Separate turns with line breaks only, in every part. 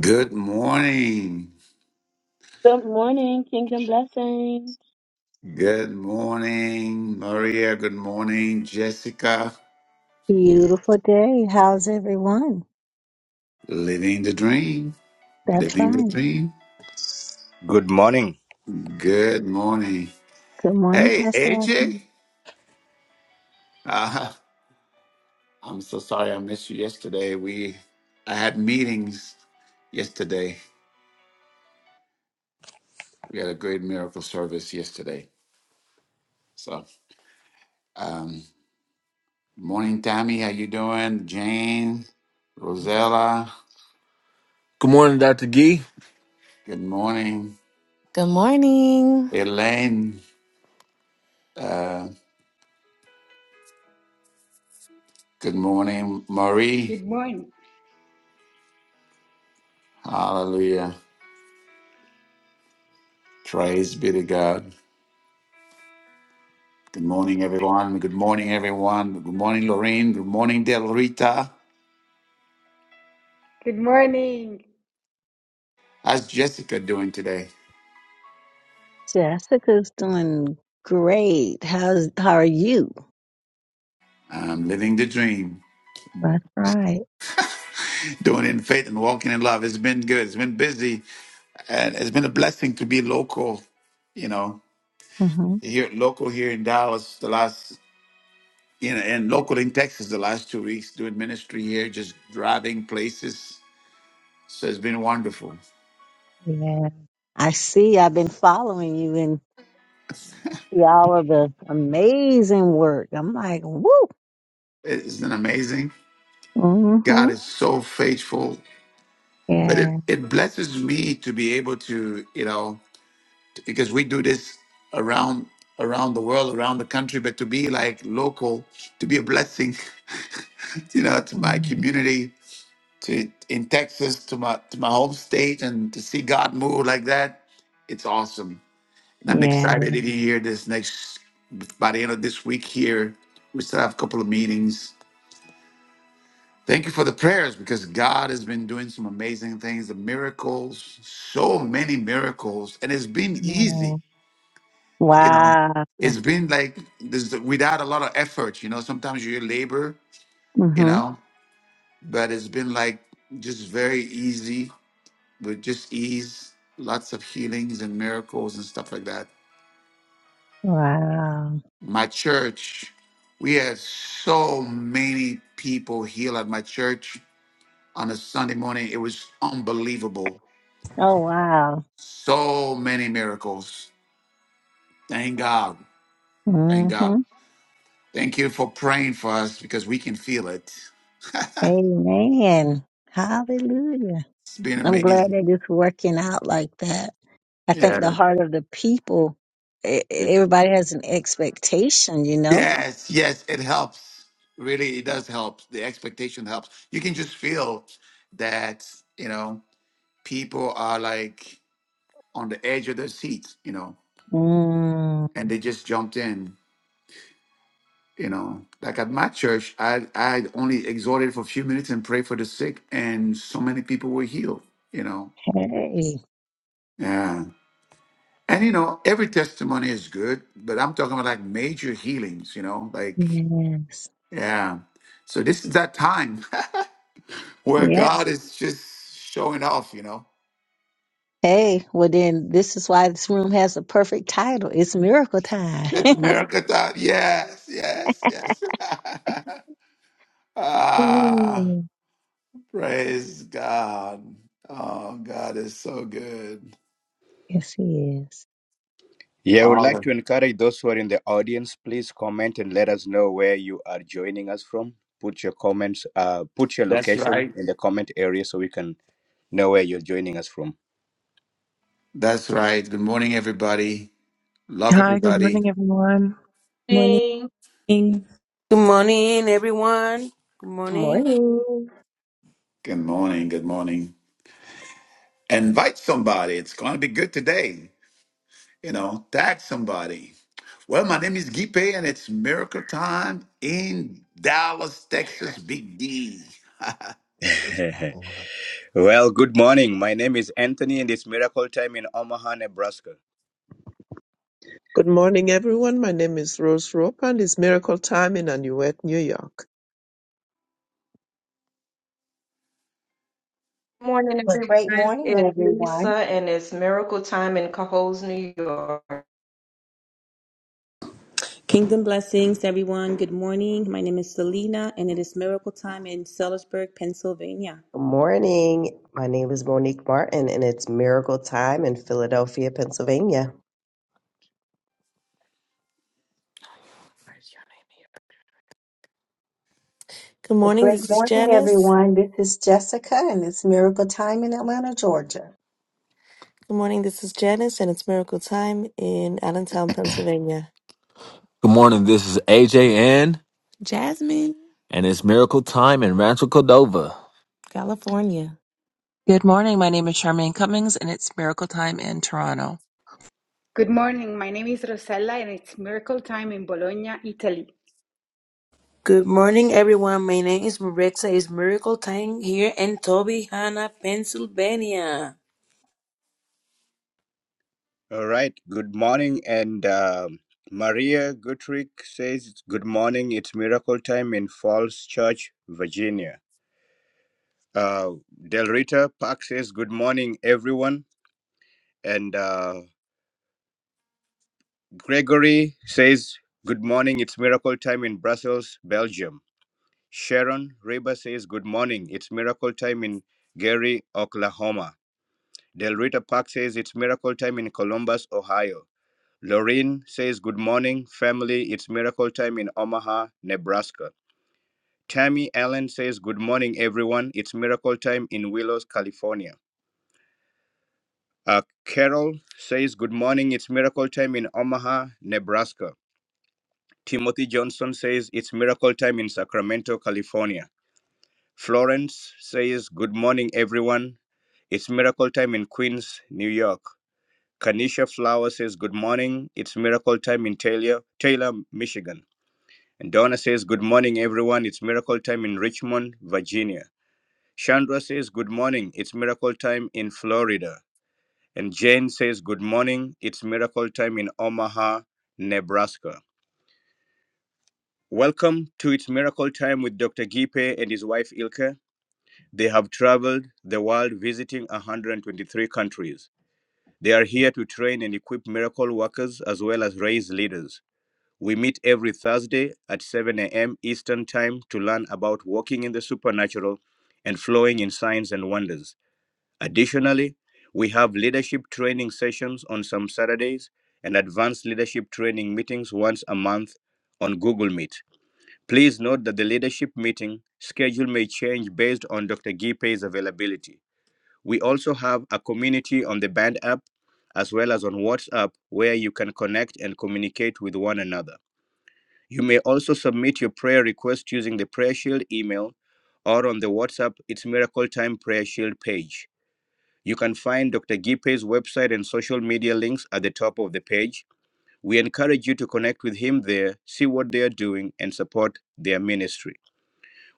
Good morning.
Good morning, Kingdom Blessing.
Good morning, Maria. Good morning, Jessica.
Beautiful day. How's everyone?
Living the dream.
That's
Living the
right.
dream.
Good morning.
Good morning.
Good morning,
Hey,
Pastor
AJ.
Anthony.
Uh, I'm so sorry I missed you yesterday. We, I had meetings yesterday. We had a great miracle service yesterday. So, um, morning, Tammy. How you doing? Jane,
Good
Rosella.
morning, Dr. Gee.
Good morning,
Good morning,
Elaine. Uh, Good morning, Marie.
Good morning.
Hallelujah. Praise be to God. Good morning, everyone. Good morning, everyone. Good morning, Lorraine. Good morning, Del Rita.
Good morning.
How's Jessica doing today?
Jessica's doing great. How's how are you?
I'm living the dream,
That's right.
doing it in faith and walking in love. It's been good. It's been busy, and it's been a blessing to be local. You know,
hmm
here local here in Dallas the last, you know, and local in Texas the last two weeks doing ministry here, just driving places. So it's been wonderful.
Yeah, I see. I've been following you and see all of the amazing work. I'm like, woo.
Isn't it amazing?
hmm
God is so faithful. But it,
Yeah.
it blesses me to be able to, you know, because we do this around around the world, around the country, but to be like local, to be a blessing, you know, to my
Mhm.
community, to in Texas, to my to my home state, and to see God move like that, it's awesome. And I'm
Yeah.
excited if you hear this next by the end of this week here. We still have a couple of meetings Thank you for the prayers because God has been doing some amazing things, the miracles, so many miracles, and it's been
Yeah.
easy. You know,
Wow.
it's been like this without a lot of effort. You know, sometimes you labor, you
hmm
know, but it's been like just very easy with just ease, lots of healings and miracles and stuff like that.
Wow.
My church, we had so many people heal at my church on a Sunday morning. It was unbelievable
Oh, wow.
So many miracles. Thank God. Thank
Mm-hmm.
God. Thank you for praying for us because we can feel it.
Amen. Hallelujah.
It's been
I'm glad
amazing.
that it's working out like that. I think the
Yeah.
heart of the people, e- everybody has an expectation, you know?
Yes, yes, it helps. Really, it does help. The expectation helps. You can just feel that, you know, people are like on the edge of their seat, you know,
Mm,
and they just jumped in, you know. Like at my church, I I only exhorted for a few minutes and prayed for the sick, and so many people were healed, you know.
hey,
Yeah. And you know, every testimony is good, but I'm talking about like major healings, you know, like,
yes.
yeah. So this is that time where
Yeah.
God is just showing off, you know.
Hey, well, then this is why this room has a perfect title. It's Miracle Time.
It's miracle time. Yes, yes, yes. ah,
Mm,
praise God. Oh, God is so good.
yes, it is.
Yeah, I would like
Hallelujah.
to encourage those who are in the audience, please comment and let us know where you are joining us from. Put your comments, uh, put your
That's
location
right.
in the comment area so we can know where you're joining us from.
That's right. Good morning, everybody. Love
Hi, good
everybody.
morning, everyone.
Morning.
Morning,
Kingdom
Good morning, everyone. Good morning.
Morning.
Good morning. Good morning. Invite somebody. It's going to be good today. You know, tag somebody. Well, my name is Gipe, and it's Miracle Time in Dallas, Texas, Big D.
well, good morning. My name is Anthony and it's Miracle Time in Omaha, Nebraska.
Good morning, everyone. My name is Rose Rope, and it's Miracle Time in Anuet, New York.
morning,
Well, great
everyone.
morning,
It's Lisa,
everyone.
and it's Miracle Time in Cohoes, New York.
blessings, everyone. Good morning. My name is Selena, and it is miracle time in Sellersburg, Pennsylvania.
Good morning. My name is Monique Martin, and it's Miracle Time in Philadelphia, Pennsylvania.
Good
Well,
morning,
great
this is
morning,
Janice.
everyone. This is Jessica, and it's Miracle Time in Atlanta, Georgia.
Good morning, this is Janice, and it's miracle time in Allentown, Pennsylvania.
Good morning. This is AJN. Jasmine, and it's Miracle Time in Rancho Cordova. California.
Good morning. My name is Charmaine Cummings, and it's Miracle Time in Toronto.
Good morning. My name is Rosella and it's miracle time in Bologna, Italy.
Good morning, everyone. My name is Maritza. It's Miracle Time here in Tobyhanna, Pennsylvania.
All right, good morning. And um Maria Gutrick says, Good morning. It's Miracle Time in Falls Church, Virginia. Uh, Del Rita Park says, Good morning, everyone. And uh, Gregory says, Good morning, it's miracle time in Brussels, Belgium. Sharon Reba says, Good morning, it's miracle time in Gary, Oklahoma. Del Rita Park says, It's miracle time in Columbus, Ohio. Lorraine says, Good morning, family, it's miracle time in Omaha, Nebraska. Tammy Allen says, Good morning, everyone, it's miracle time in Willows, California. Uh, Carol says, Good morning, it's miracle time in Omaha, Nebraska. Timothy Johnson says it's miracle time in Sacramento, California. Florence says, Good morning, everyone. It's miracle time in Queens, New York. Kanisha Flower says, Good morning. It's miracle time in Taylor, Taylor, Michigan. And Donna says, Good morning, everyone. It's miracle time in Richmond, Virginia. Chandra says, Good morning. It's miracle time in Florida. And Jane says, Good morning. It's miracle time in Omaha, Nebraska. Welcome to It's Miracle Time with Dr. Gipe and his wife Ilke. They have traveled the world visiting 123 countries. They are here to train and equip miracle workers as well as raise leaders. We meet every Thursday at 7 a.m. Eastern Time to learn about walking in the supernatural and flowing in signs and wonders. Additionally, we have leadership training sessions on some Saturdays and advanced leadership training meetings once a month on Google Meet. Please note that the leadership meeting schedule may change based on Dr. Gipe's availability. We also have a community on the Band app as well as on WhatsApp where you can connect and communicate with one another. You may also submit your prayer request using the Prayer Shield email or on the WhatsApp It's Miracle Time Prayer Shield page. You can find Dr. Gipe's website and social media links at the top of the page. We encourage you to connect with him there, see what they are doing, and support their ministry.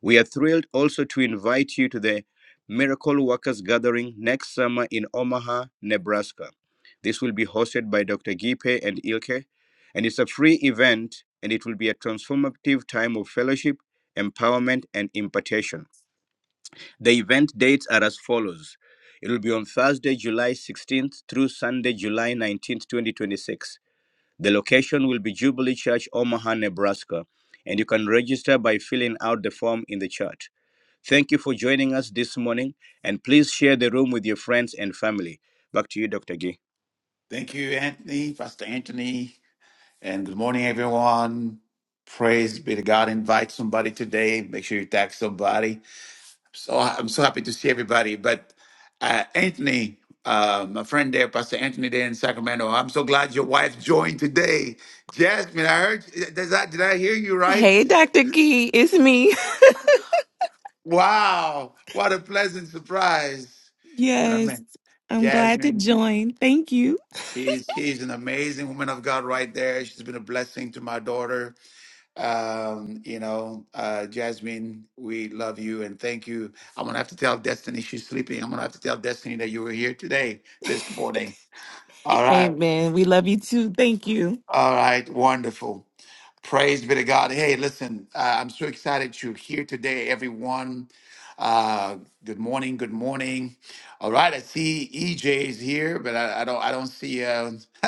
We are thrilled also to invite you to the Miracle Workers Gathering next summer in Omaha, Nebraska. This will be hosted by Dr. Gipe and Ilke, and it's a free event and it will be a transformative time of fellowship, empowerment, and impartation. The event dates are as follows it will be on Thursday, July 16th through Sunday, July 19th, 2026. The location will be Jubilee Church, Omaha, Nebraska, and you can register by filling out the form in the chat. Thank you for joining us this morning, and please share the room with your friends and family. Back to you, Dr. Gee.
Thank you, Anthony, Pastor Anthony, and good morning, everyone. Praise be to God. Invite somebody today. Make sure you tag somebody. So I'm so happy to see everybody. But uh, Anthony, uh, my friend there, Pastor Anthony there in Sacramento, I'm so glad your wife joined today. Jasmine, I heard. Does that? Did I hear you right?
Hey, Dr. Gee, it's me.
Wow, what a pleasant surprise. She's an
Yes,
ama-
I'm glad to
Jasmine,
join. Thank you.
she's she's an amazing woman of God right there. She's been a blessing to my daughter. Um, you know, uh Jasmine, we love you and thank you. I'm gonna have to tell Destiny she's sleeping. I'm gonna have to tell Destiny that you were here today, this morning. All right.
Amen. We love you too. Thank you.
All right, wonderful. Praise be to God. Hey, listen, uh, I'm so excited you're here today, everyone. Uh, good morning, good morning. All right, I see EJ is here, but I, I don't, I don't see, uh,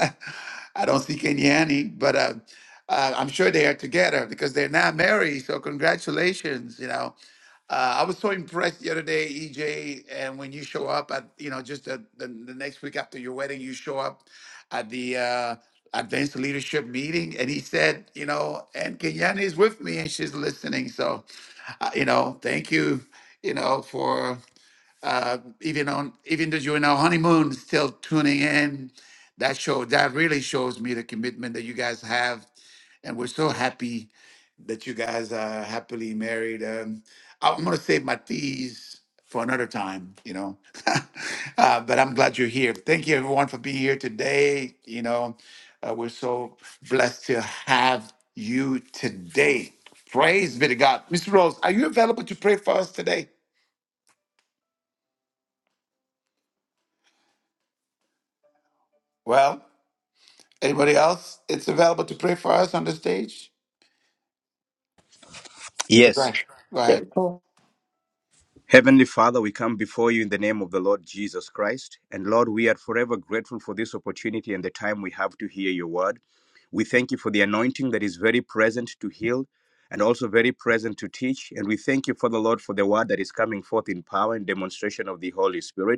I don't see Kenyani. But uh, uh, I'm sure they are together because they're now married. So congratulations, you know. Uh, I was so impressed the other day, EJ, and when you show up at, you know, just the, the, the next week after your wedding, you show up at the uh, advanced leadership meeting and he said you know and kenyana is with me and she's listening so uh, you know thank you you know for uh even on even though you're in our honeymoon still tuning in that show that really shows me the commitment that you guys have and we're so happy that you guys are happily married. Um, I- I'm going to save my teas for another time, you know. uh, but I'm glad you're here. Thank you, everyone, for being here today. You know, uh, we're so blessed to have you today. Praise be to God. Mr. Rose, are you available to pray for us today? Well, anybody else? It's available to pray for us on the stage. Okay, go
Yes.
ahead. Go ahead.
Oh,
Heavenly Father, we come before you in the name of the Lord Jesus Christ. And Lord, we are forever grateful for this opportunity and the time we have to hear your word. We thank you for the anointing that is very present to heal and also very present to teach. And we thank you Father Lord for the word that is coming forth in power and demonstration of the Holy Spirit.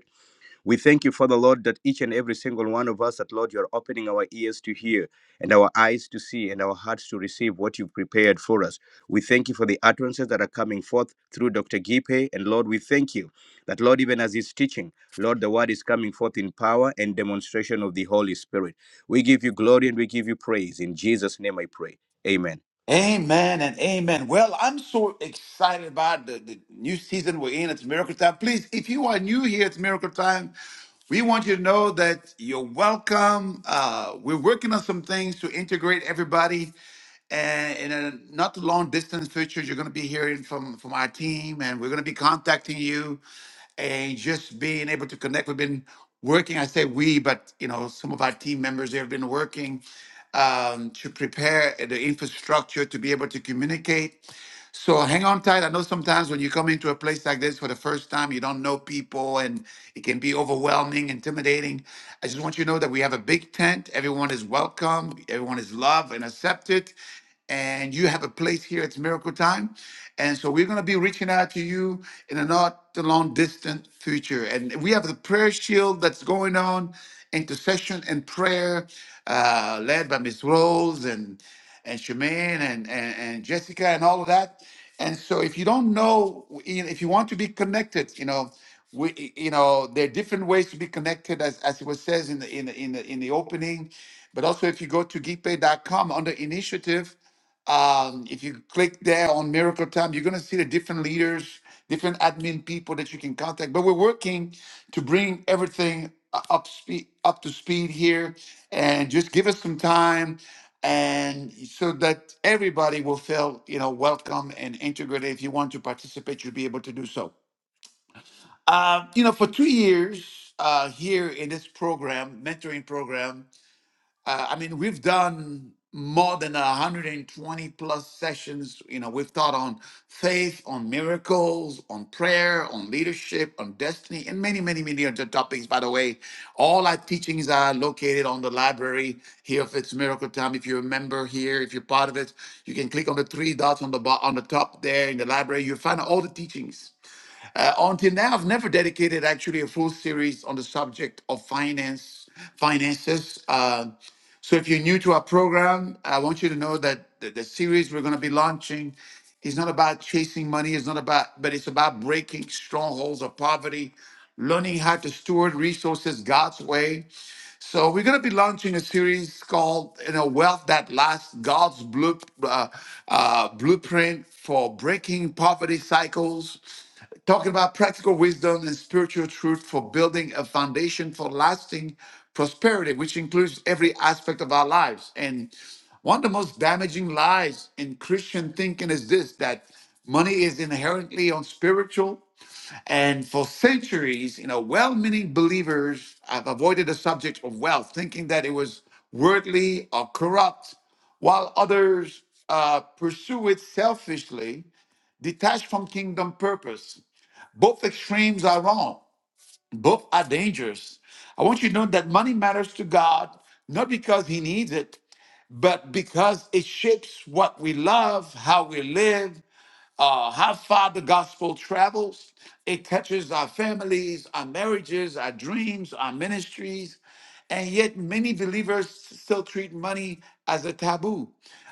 We thank you, Father Lord, that each and every single one of us, that Lord, you are opening our ears to hear and our eyes to see and our hearts to receive what you've prepared for us. We thank you for the utterances that are coming forth through Dr. Gipe. And Lord, we thank you that, Lord, even as he's teaching, Lord, the word is coming forth in power and demonstration of the Holy Spirit. We give you glory and we give you praise. In Jesus' name I pray. Amen.
Amen and amen. Well, I'm so excited about the, the new season we're in. It's Miracle Time. Please, if you are new here, it's Miracle Time. We want you to know that you're welcome. Uh, we're working on some things to integrate everybody. And in a not too long distance future, you're going to be hearing from, from our team, and we're going to be contacting you and just being able to connect. We've been working, I say we, but you know, some of our team members they have been working um, to prepare the infrastructure to be able to communicate. So hang on tight. I know sometimes when you come into a place like this for the first time, you don't know people and it can be overwhelming, intimidating. I just want you to know that we have a big tent. Everyone is welcome, everyone is loved and accepted. And you have a place here. It's miracle time. And so we're going to be reaching out to you in a not too long distant future. And we have the prayer shield that's going on, intercession and prayer uh, led by Miss Rose and and Shemaine and, and, and Jessica and all of that. And so if you don't know, you know, if you want to be connected, you know, we, you know, there are different ways to be connected as, as it was says in the, in the, in the, in the opening. But also if you go to geekpay.com under initiative, um, if you click there on Miracle Time, you're going to see the different leaders, different admin people that you can contact. But we're working to bring everything u- up speed, up to speed here, and just give us some time, and so that everybody will feel you know welcome and integrated. If you want to participate, you'll be able to do so. Uh, you know, for two years uh, here in this program, mentoring program uh, I mean, we've done more than 120 plus sessions. You know, we've taught on faith, on miracles, on prayer, on leadership, on destiny, and many, many, many other topics. By the way, all our teachings are located on the library here of It's Miracle Time. If you are a member here, if you're part of it, you can click on the three dots on the bo- on the top there in the library. You'll find all the teachings uh, until now, I've never dedicated actually a full series on the subject of finance, finances. Uh, so if you're new to our program, I want you to know that the, the series we're going to be launching is not about chasing money. It's not about, but it's about breaking strongholds of poverty, learning how to steward resources God's way, so we're going to be launching a series called you know Wealth That Lasts: God's Blue, uh, uh, Blueprint for Breaking Poverty Cycles. Talking about practical wisdom and spiritual truth for building a foundation for lasting prosperity, which includes every aspect of our lives. And one of the most damaging lies in Christian thinking is this that money is inherently unspiritual and for centuries, you know, well meaning believers have avoided the subject of wealth, thinking that it was worldly or corrupt, while others uh, pursue it selfishly, detached from kingdom purpose. Both extremes are wrong, both are dangerous. I want you to know that money matters to God, not because He needs it, but because it shapes what we love, how we live, uh, how far the gospel travels. It touches our families, our marriages, our dreams, our ministries. And yet, many believers still treat money as a taboo.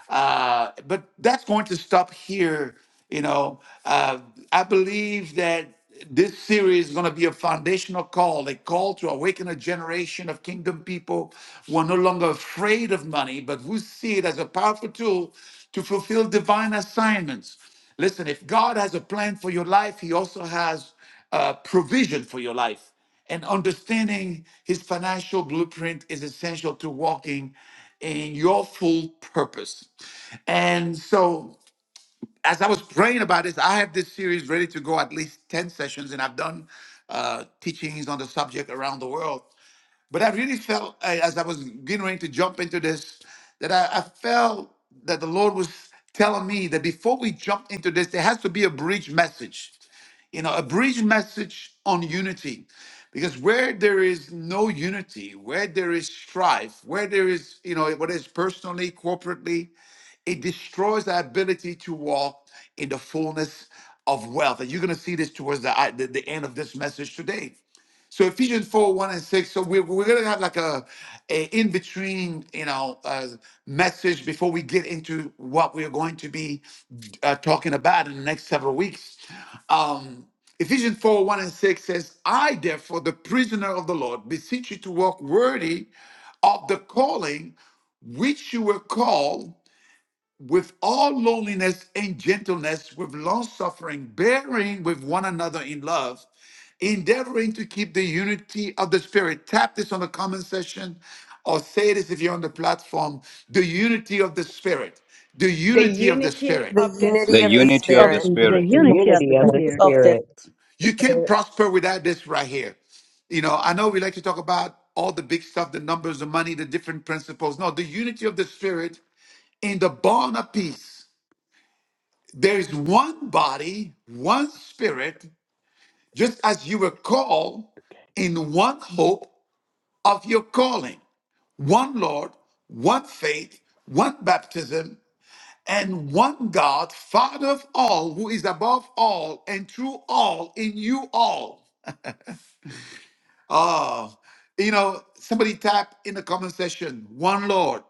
Uh, but that's going to stop here. You know, uh, I believe that this series is going to be a foundational call, a call to awaken a generation of kingdom people who are no longer afraid of money, but who see it as a powerful tool to fulfill divine assignments. Listen, if God has a plan for your life, He also has uh, provision for your life. And understanding His financial blueprint is essential to walking in your full purpose. And so, as I was praying about this, I have this series ready to go at least 10 sessions, and I've done uh, teachings on the subject around the world. But I really felt, I- as I was getting ready to jump into this, that I, I felt that the Lord was telling me that before we jump into this, there has to be a bridge message. You know, a bridge message on unity. Because where there is no unity, where there is strife, where there is, you know, whether it's personally, corporately, it destroys our ability to walk in the fullness of wealth. And you're going to see this towards the, the, the end of this message today. So Ephesians 4, 1 and 6. So we're, we're gonna have like a, a in-between, you know, uh, message before we get into what we're going to be uh, talking about in the next several weeks. Um, Ephesians 4, 1 and 6 says, I therefore, the prisoner of the Lord, beseech you to walk worthy of the calling which you were called with all loneliness and gentleness, with long suffering, bearing with one another in love, endeavoring to keep the unity of the Spirit. Tap this on the comment section or say this if you're on the platform the unity of the Spirit. The
The
unity of the
unity
The
Spirit.
of the
unity
The
of the
Spirit.
unity
Of,
of the
Unity.
Spirit,
the
Spirit.
The
unity of
Unity
the
Oh,
of the
Spirit,
of the
Spirit,
You can't
Good
prosper without this right here. You know, I know we like to talk about all the big stuff, the numbers, the money, the different principles. No, the unity of the Spirit in the bond of peace There is one body, one spirit, just as you were called in one hope of your calling, one Lord, one faith, one baptism, and one God, Father of all, who is above all and through all, in you all. Ah, you know, somebody tap in the comment section, one Lord,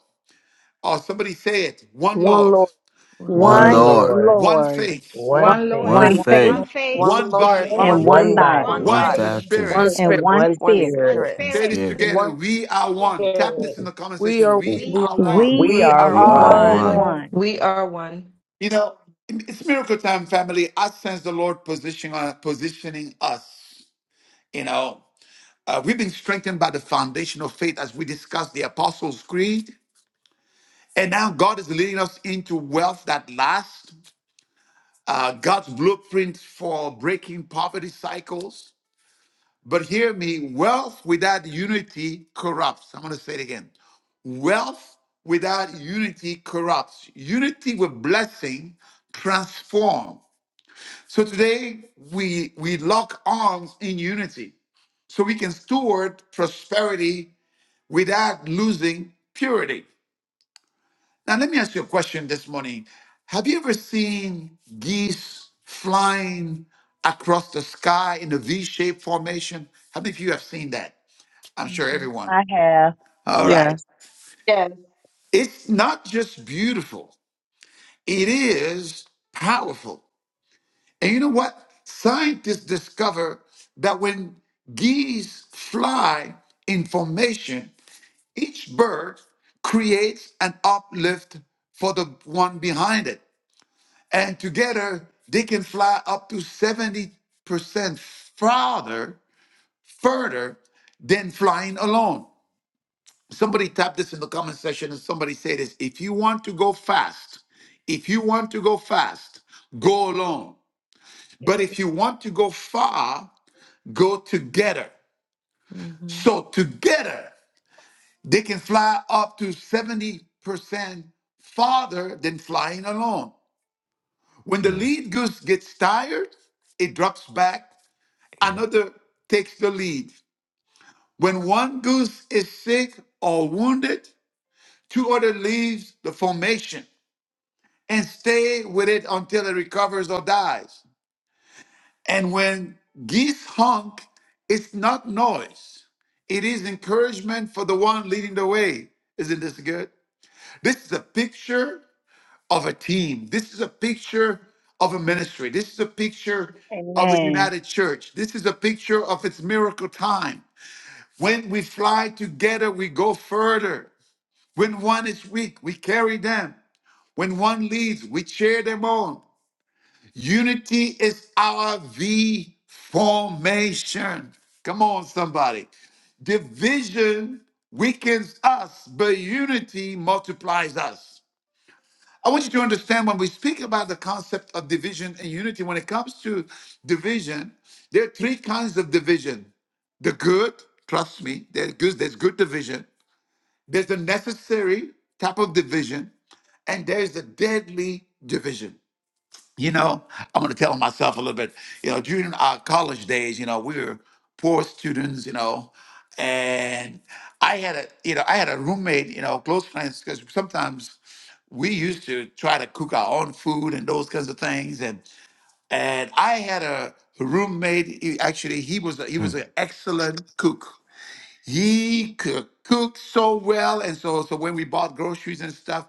or somebody say it, one
one
Lord,
Lord,
One One
one
one
Lord,
Lord,
one
Lord,
faith,
one
one
One
one
faith,
one
Lord,
faith,
one
One.
faith,
faith,
one
faith,
faith,
one
one
Lord,
body,
morning,
one
and
one
body,
one
one
faith,
thing,
body,
one
one
one
body,
one
one
and
body,
body,
living
one
baptism,
spirit.
and
spirit.
faith.
one
one
one
Spirit.
one
Spirit.
one
Spirit.
Say
Spirit.
this
spirit.
together.
One
We are one. Tap this
spirit.
in the comment
We are
section.
one
We
We
We
are
are
one.
are.
We
We
We
one.
We
are
are
We are are
are
one.
one.
one.
Lord.
one.
We are one.
You know, it's miracle time, family. I sense the Lord positioning, uh, positioning us. You know, uh, we've been strengthened by the foundation of faith as we discussed the Apostles' Creed. And now God is leading us into wealth that lasts, uh, God's blueprint for breaking poverty cycles. But hear me, wealth without unity corrupts. I'm going to say it again. Wealth without unity corrupts. Unity with blessing transforms. So today we we lock arms in unity so we can steward prosperity without losing purity. Now let me ask you a question this morning. Have you ever seen geese flying across the sky in a V-shaped formation? How many of you have seen that? I'm sure
one.
everyone.
I have.
All right.
Yes.
Yes.
It's not just beautiful. It is powerful. And you know what? Scientists discover that when geese fly in formation, each bird creates an uplift for the one behind it. And together, they can fly up to 70% farther, further than flying alone. Somebody tap this in the comment section and somebody say this. If you want to go fast, if you want to go fast, go alone. But if you want to go far, go together.
hmm hmm
So together, they can fly up to 70% farther than flying alone. When the
Mm,
lead goose gets tired, it drops back.
yeah.
Another takes the lead. When one goose is sick or wounded, two other leaves the formation and stay with it until it recovers or dies. And when geese honk, it's not noise. It is encouragement for the one leading the way. Isn't this good? This is a picture of a team. This is a picture of a ministry. This is a picture of a
Amen.
united church. This is a picture of its miracle time. When we fly together, we go further. When one is weak, we carry them. When one leads, we cheer them on. Unity is our V formation. Come on, somebody. Division weakens us, but unity multiplies us. I want you to understand when we speak about the concept of division and unity, when it comes to division, there are three kinds of division the good, trust me, there's good, there's good division, there's the necessary type of division, and there's the deadly division. You know, I'm going to tell myself a little bit. You know, during our college days, you know, we were poor students, you know, and I had a, you know, I had a roommate, you know, close friends, because sometimes we used to try to cook our own food and those kinds of things. And and I had a roommate. He, actually, he was a, he was an excellent cook he could cook so well. And so, so when we bought groceries and stuff,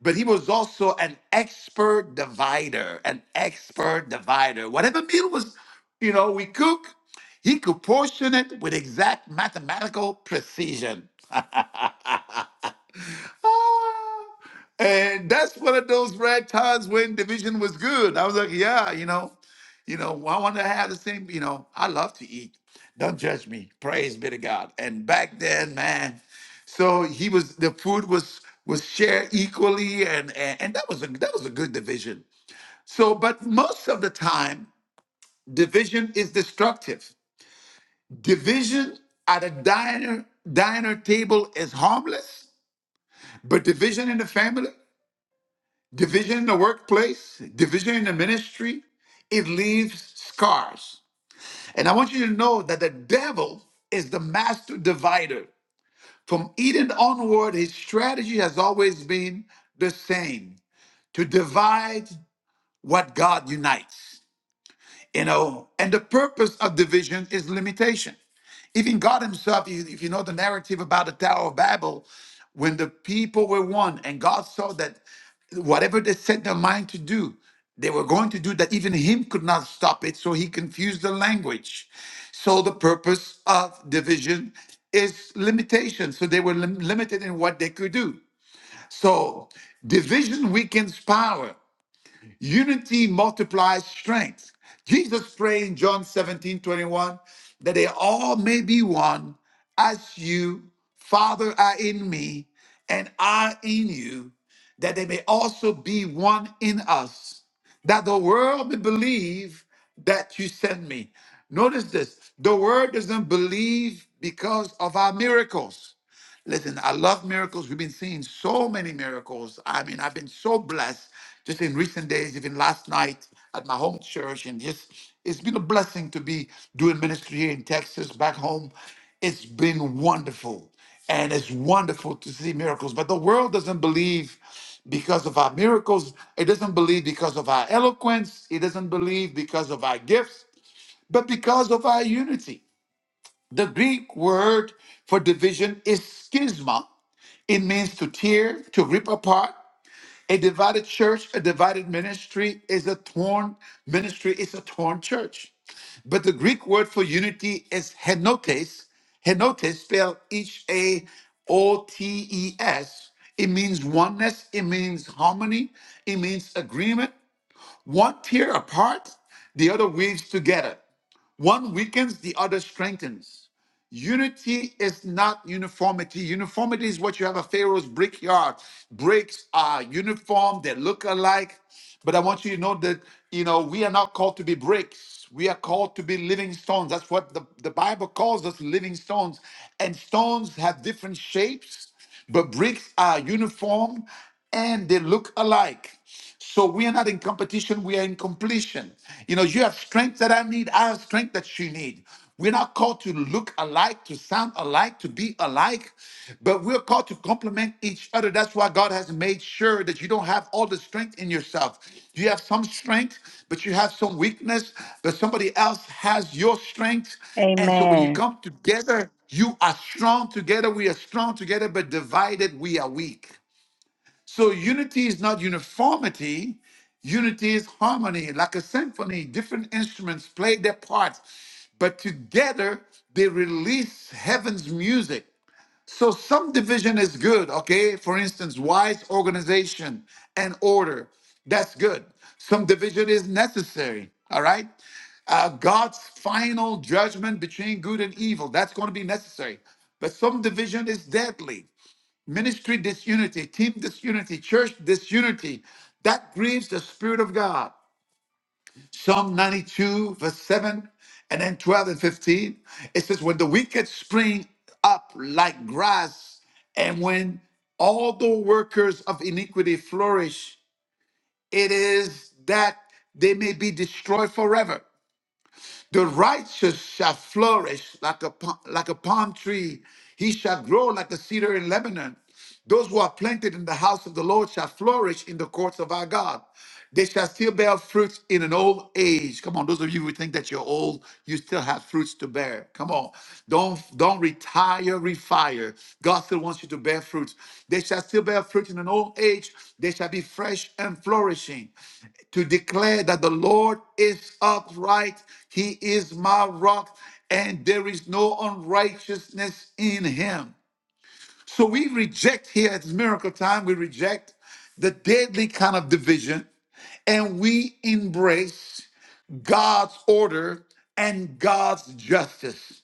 but he was also an expert divider, an expert divider. Whatever meal was, you know, we cook, he could portion it with exact mathematical precision. Ah. and that's one of those rare times when division was good. I was like, yeah, you know, you know, I want to have the same, you know, I love to eat. Don't judge me. Praise be to God. And back then, man, so he was the food was was shared equally and and, and that was a that was a good division. So, but most of the time, division is destructive. Division at a diner diner table is harmless, but division in the family Division in the workplace, division in the ministry, it leaves scars. And I want you to know that the devil is the master divider. From Eden onward, his strategy has always been the same to divide what God unites. You know, and the purpose of division is limitation. Even God Himself, you- if you know the narrative about the Tower of Babel, when the people were one and God saw that whatever they set their mind to do, they were going to do that, even Him could not stop it. So He confused the language. So the purpose of division is limitation. So they were lim- limited in what they could do. So division weakens power. Unity multiplies strength. Jesus prayed in John 17 21 that they all may be one as you, Father, are in me and I in you, that they may also be one in us, that the world may believe that you sent me. Notice this the world doesn't believe because of our miracles. Listen, I love miracles. We've been seeing so many miracles. I mean, I've been so blessed just in recent days, even last night at my home church. And just, it's been a blessing to be doing ministry here in Texas, back home. It's been wonderful. And it's wonderful to see miracles. But the world doesn't believe because of our miracles, it doesn't believe because of our eloquence, it doesn't believe because of our gifts, but because of our unity. The Greek word for division is schisma it means to tear, to rip apart. A divided church, a divided ministry is a torn ministry, It's a torn church. But the Greek word for unity is henotes. Henotes spelled H A O T E S. It means oneness, it means harmony, it means agreement. One tear apart, the other weaves together. One weakens, the other strengthens. Unity is not uniformity. Uniformity is what you have at Pharaoh's brickyard. Bricks are uniform, they look alike. But I want you to know that, you know, we are not called to be bricks. We are called to be living stones. That's what the, the Bible calls us living stones. And stones have different shapes, but bricks are uniform and they look alike. So we are not in competition, we are in completion. You know, you have strength that I need, I have strength that you need. We're not called to look alike, to sound alike, to be alike, but we're called to complement each other. That's why God has made sure that you don't have all the strength in yourself. You have some strength, but you have some weakness, but somebody else has your strength. And so when you
Amen.
come together, you are strong together, we are strong together, but divided, we are weak. So unity is not uniformity. Unity is harmony, like a symphony. Different instruments play their parts, but together they release heaven's music. So some division is good, okay? For instance, wise organization and order. That's good. Some division is necessary, all right? Uh, God's final judgment between good and evil. That's going to be necessary. But some division is deadly ministry disunity, team disunity, church disunity. That grieves the Spirit of God. Psalm 92, verse 7, and then 12 and 15. It says, When the wicked spring up like grass, and when all the workers of iniquity flourish, it is that they may be destroyed forever. The righteous shall flourish like a, pa- like a palm tree. He shall grow like a cedar in Lebanon. Those who are planted in the house of the Lord shall flourish in the courts of our God. They shall still bear fruits in an old age. Come on, those of you who think that you're old, you still have fruits to bear. Come on. Don't don't retire, refire. God still wants you to bear fruit. They shall still bear fruit in an old age. They shall be fresh and flourishing. To declare that the Lord is upright, He is my rock, and there is no unrighteousness in Him. So we reject here at miracle time, we reject the deadly kind of division, and we embrace God's order and God's justice.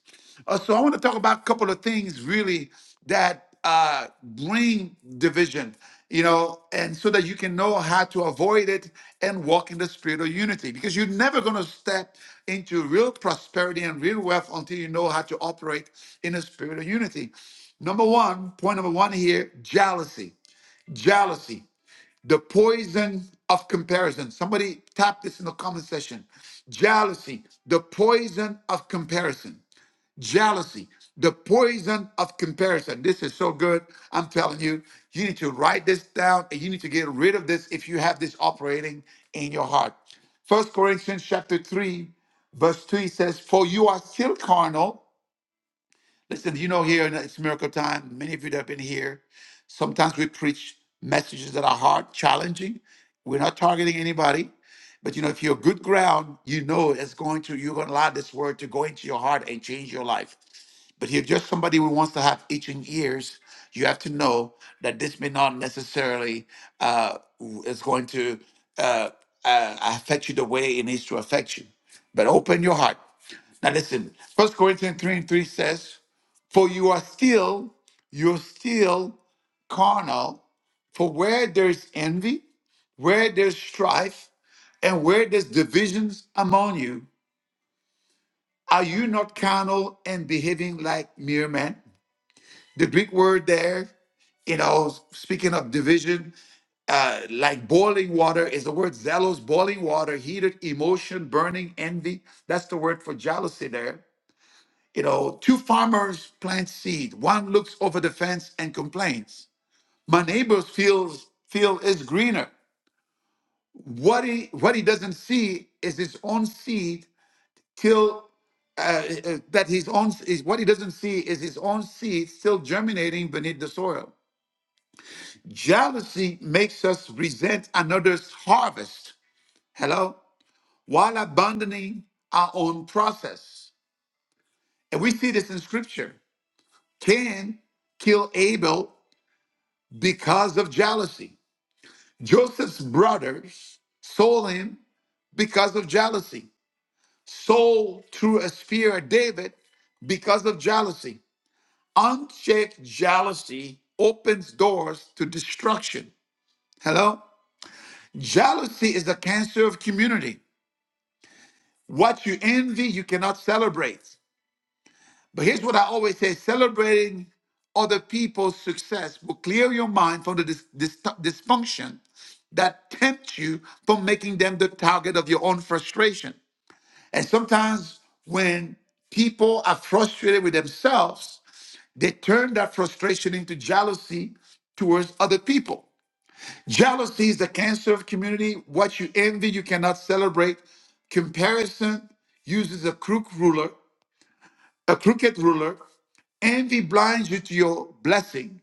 Uh, so I want to talk about a couple of things really that uh, bring division, you know, and so that you can know how to avoid it and walk in the spirit of unity. Because you're never going to step into real prosperity and real wealth until you know how to operate in the spirit of unity. Number one, point number one here jealousy. Jealousy, the poison of comparison. Somebody tap this in the comment section. Jealousy, the poison of comparison jealousy, the poison of comparison. This is so good. I'm telling you, you need to write this down and you need to get rid of this if you have this operating in your heart. First Corinthians chapter 3, verse 2, he says, For you are still carnal. Listen, you know here and it's miracle time. Many of you that have been here. Sometimes we preach messages that are hard, challenging. We're not targeting anybody. But you know, if you're good ground, you know it's going to, you're going to allow this word to go into your heart and change your life. But if you're just somebody who wants to have itching ears, you have to know that this may not necessarily uh, w- is going to uh, uh, affect you the way it needs to affect you. But open your heart. Now listen, First Corinthians 3 and 3 says, For you are still, you're still carnal. For where there's envy, where there's strife, and where there's divisions among you, are you not carnal and behaving like mere men? The Greek word there, you know, speaking of division, uh, like boiling water is the word zealous, boiling water, heated emotion, burning envy. That's the word for jealousy there. You know, two farmers plant seed. One looks over the fence and complains. My neighbor's feels field is greener. What he what he doesn't see is his own seed till uh, uh, that his own is what he doesn't see is his own seed still germinating beneath the soil. Jealousy makes us resent another's harvest. Hello? While abandoning our own process. And we see this in scripture. Cain killed Abel because of jealousy. Joseph's brothers sold him because of jealousy. Sold through a spear at David because of jealousy. Unchecked jealousy opens doors to destruction. Hello? Jealousy is a cancer of community. What you envy, you cannot celebrate. But here's what I always say celebrating other people's success will clear your mind from the dis- dis- dysfunction that tempts you from making them the target of your own frustration. And sometimes when people are frustrated with themselves, they turn that frustration into jealousy towards other people. Jealousy is the cancer of community. What you envy, you cannot celebrate. Comparison uses a crook ruler a crooked ruler. Envy blinds you to your blessing.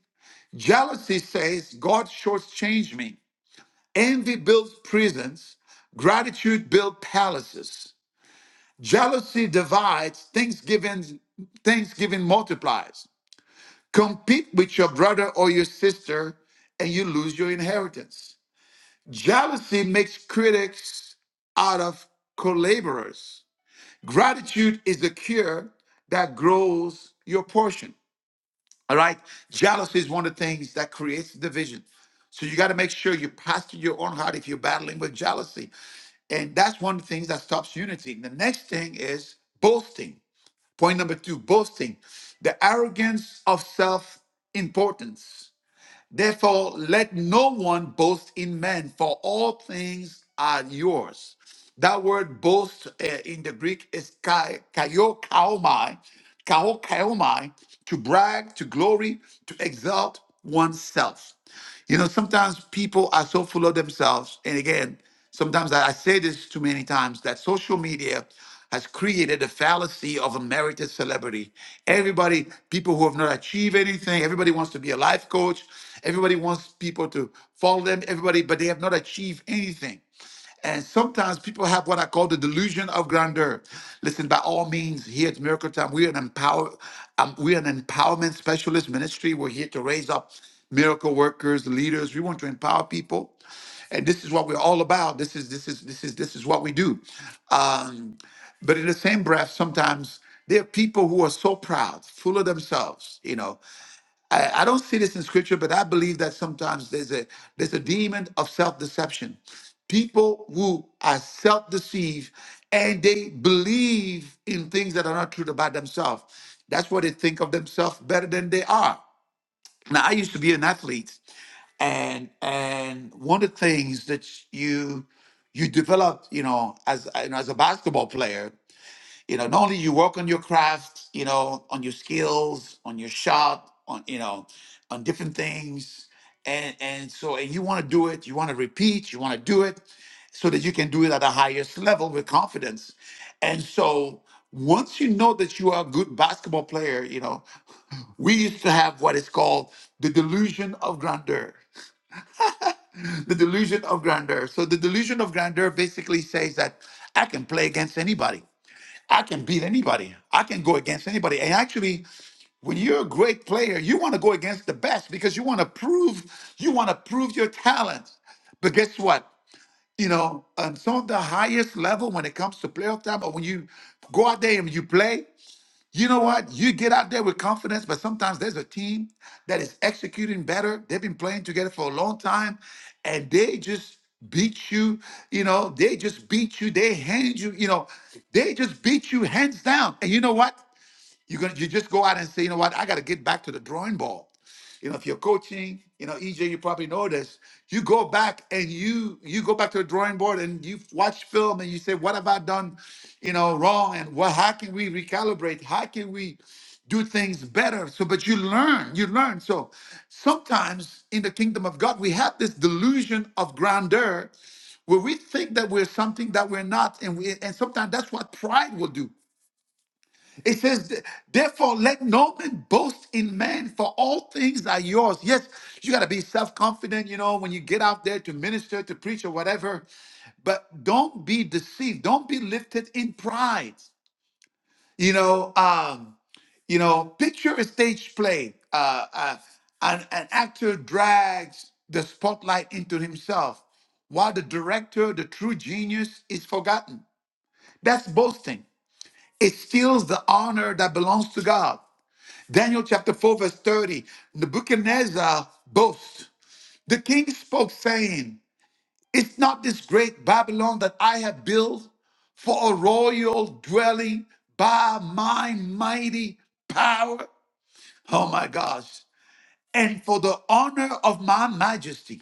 Jealousy says, God shortchanged me. Envy builds prisons. Gratitude builds palaces. Jealousy divides. Thanksgiving, Thanksgiving multiplies. Compete with your brother or your sister and you lose your inheritance. Jealousy makes critics out of collaborators. Gratitude is the cure that grows your portion. All right. Jealousy is one of the things that creates division. So you got to make sure you pastor your own heart if you're battling with jealousy. And that's one of the things that stops unity. The next thing is boasting. Point number two boasting, the arrogance of self importance. Therefore, let no one boast in man, for all things are yours. That word boast uh, in the Greek is kai- kaio kaomai, to brag, to glory, to exalt oneself. You know, sometimes people are so full of themselves. And again, sometimes I, I say this too many times that social media has created a fallacy of unmerited celebrity. Everybody, people who have not achieved anything, everybody wants to be a life coach. Everybody wants people to follow them, everybody, but they have not achieved anything. And sometimes people have what I call the delusion of grandeur. Listen, by all means, here at Miracle Time, we're an empower, um, we're an empowerment specialist ministry. We're here to raise up miracle workers, leaders. We want to empower people, and this is what we're all about. This is this is this is this is what we do. Um, but in the same breath, sometimes there are people who are so proud, full of themselves, you know, I, I don't see this in scripture, but I believe that sometimes there's a there's a demon of self-deception. People who are self-deceived and they believe in things that are not true about themselves. That's what they think of themselves better than they are. Now I used to be an athlete, and and one of the things that you you develop, you know, as you know, as a basketball player you know, not only you work on your craft, you know, on your skills, on your shot, on you know, on different things, and and so and you want to do it, you want to repeat, you want to do it, so that you can do it at the highest level with confidence. And so once you know that you are a good basketball player, you know, we used to have what is called the delusion of grandeur. The delusion of grandeur. So the delusion of grandeur basically says that I can play against anybody. I can beat anybody. I can go against anybody. And actually, when you're a great player, you want to go against the best because you want to prove you want to prove your talent. But guess what? You know, on some of the highest level when it comes to playoff time, or when you go out there and you play, you know what? You get out there with confidence, but sometimes there's a team that is executing better. They've been playing together for a long time and they just beat you. You know, they just beat you. They hand you, you know, they just beat you hands down. And you know what? You're gonna you just go out and say, you know what, I gotta get back to the drawing board. You know, if you're coaching, you know, EJ, you probably know this. You go back and you you go back to the drawing board and you watch film and you say, what have I done, you know, wrong? And what how can we recalibrate? How can we do things better? So, but you learn, you learn. So sometimes in the kingdom of God, we have this delusion of grandeur where we think that we're something that we're not, and we and sometimes that's what pride will do. It says, therefore, let no man boast in man, for all things are yours. Yes, you got to be self confident, you know, when you get out there to minister, to preach, or whatever. But don't be deceived. Don't be lifted in pride. You know, um, you know, picture a stage play. Uh, uh, an, an actor drags the spotlight into himself, while the director, the true genius, is forgotten. That's boasting. It steals the honor that belongs to God. Daniel chapter 4, verse 30. Nebuchadnezzar boasts. The king spoke, saying, Is not this great Babylon that I have built for a royal dwelling by my mighty power? Oh my gosh. And for the honor of my majesty.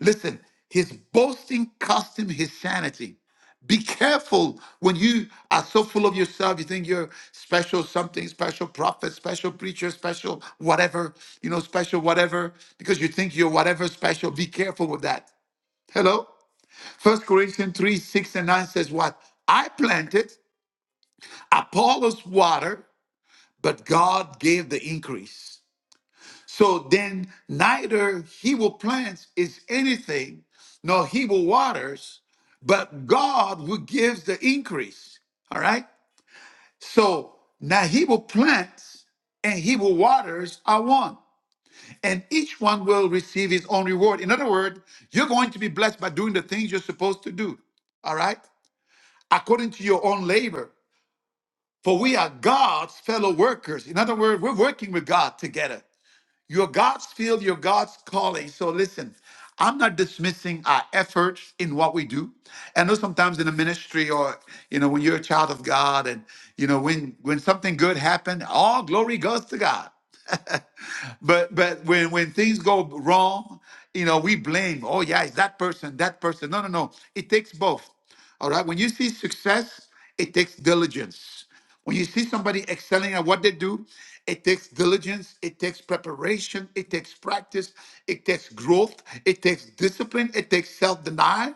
Listen, his boasting cost him his sanity. Be careful when you are so full of yourself, you think you're special something, special prophet, special preacher, special whatever, you know, special whatever, because you think you're whatever special. Be careful with that. Hello? First Corinthians 3, 6 and 9 says what? I planted, Apollos watered, but God gave the increase. So then neither he who plants is anything, nor he who waters, but God who gives the increase. All right? So now he who plants and he who waters are one. And each one will receive his own reward. In other words, you're going to be blessed by doing the things you're supposed to do. All right? According to your own labor. For we are God's fellow workers. In other words, we're working with God together. Your God's field, your God's calling. So listen, I'm not dismissing our efforts in what we do. I know sometimes in the ministry or you know when you're a child of God and you know when when something good happened, all glory goes to God but but when when things go wrong, you know, we blame. Oh yeah, it's that person, that person. No, no, no. It takes both. All right. When you see success, it takes diligence. When you see somebody excelling at what they do, it takes diligence, it takes preparation, it takes practice, it takes growth, it takes discipline, it takes self denial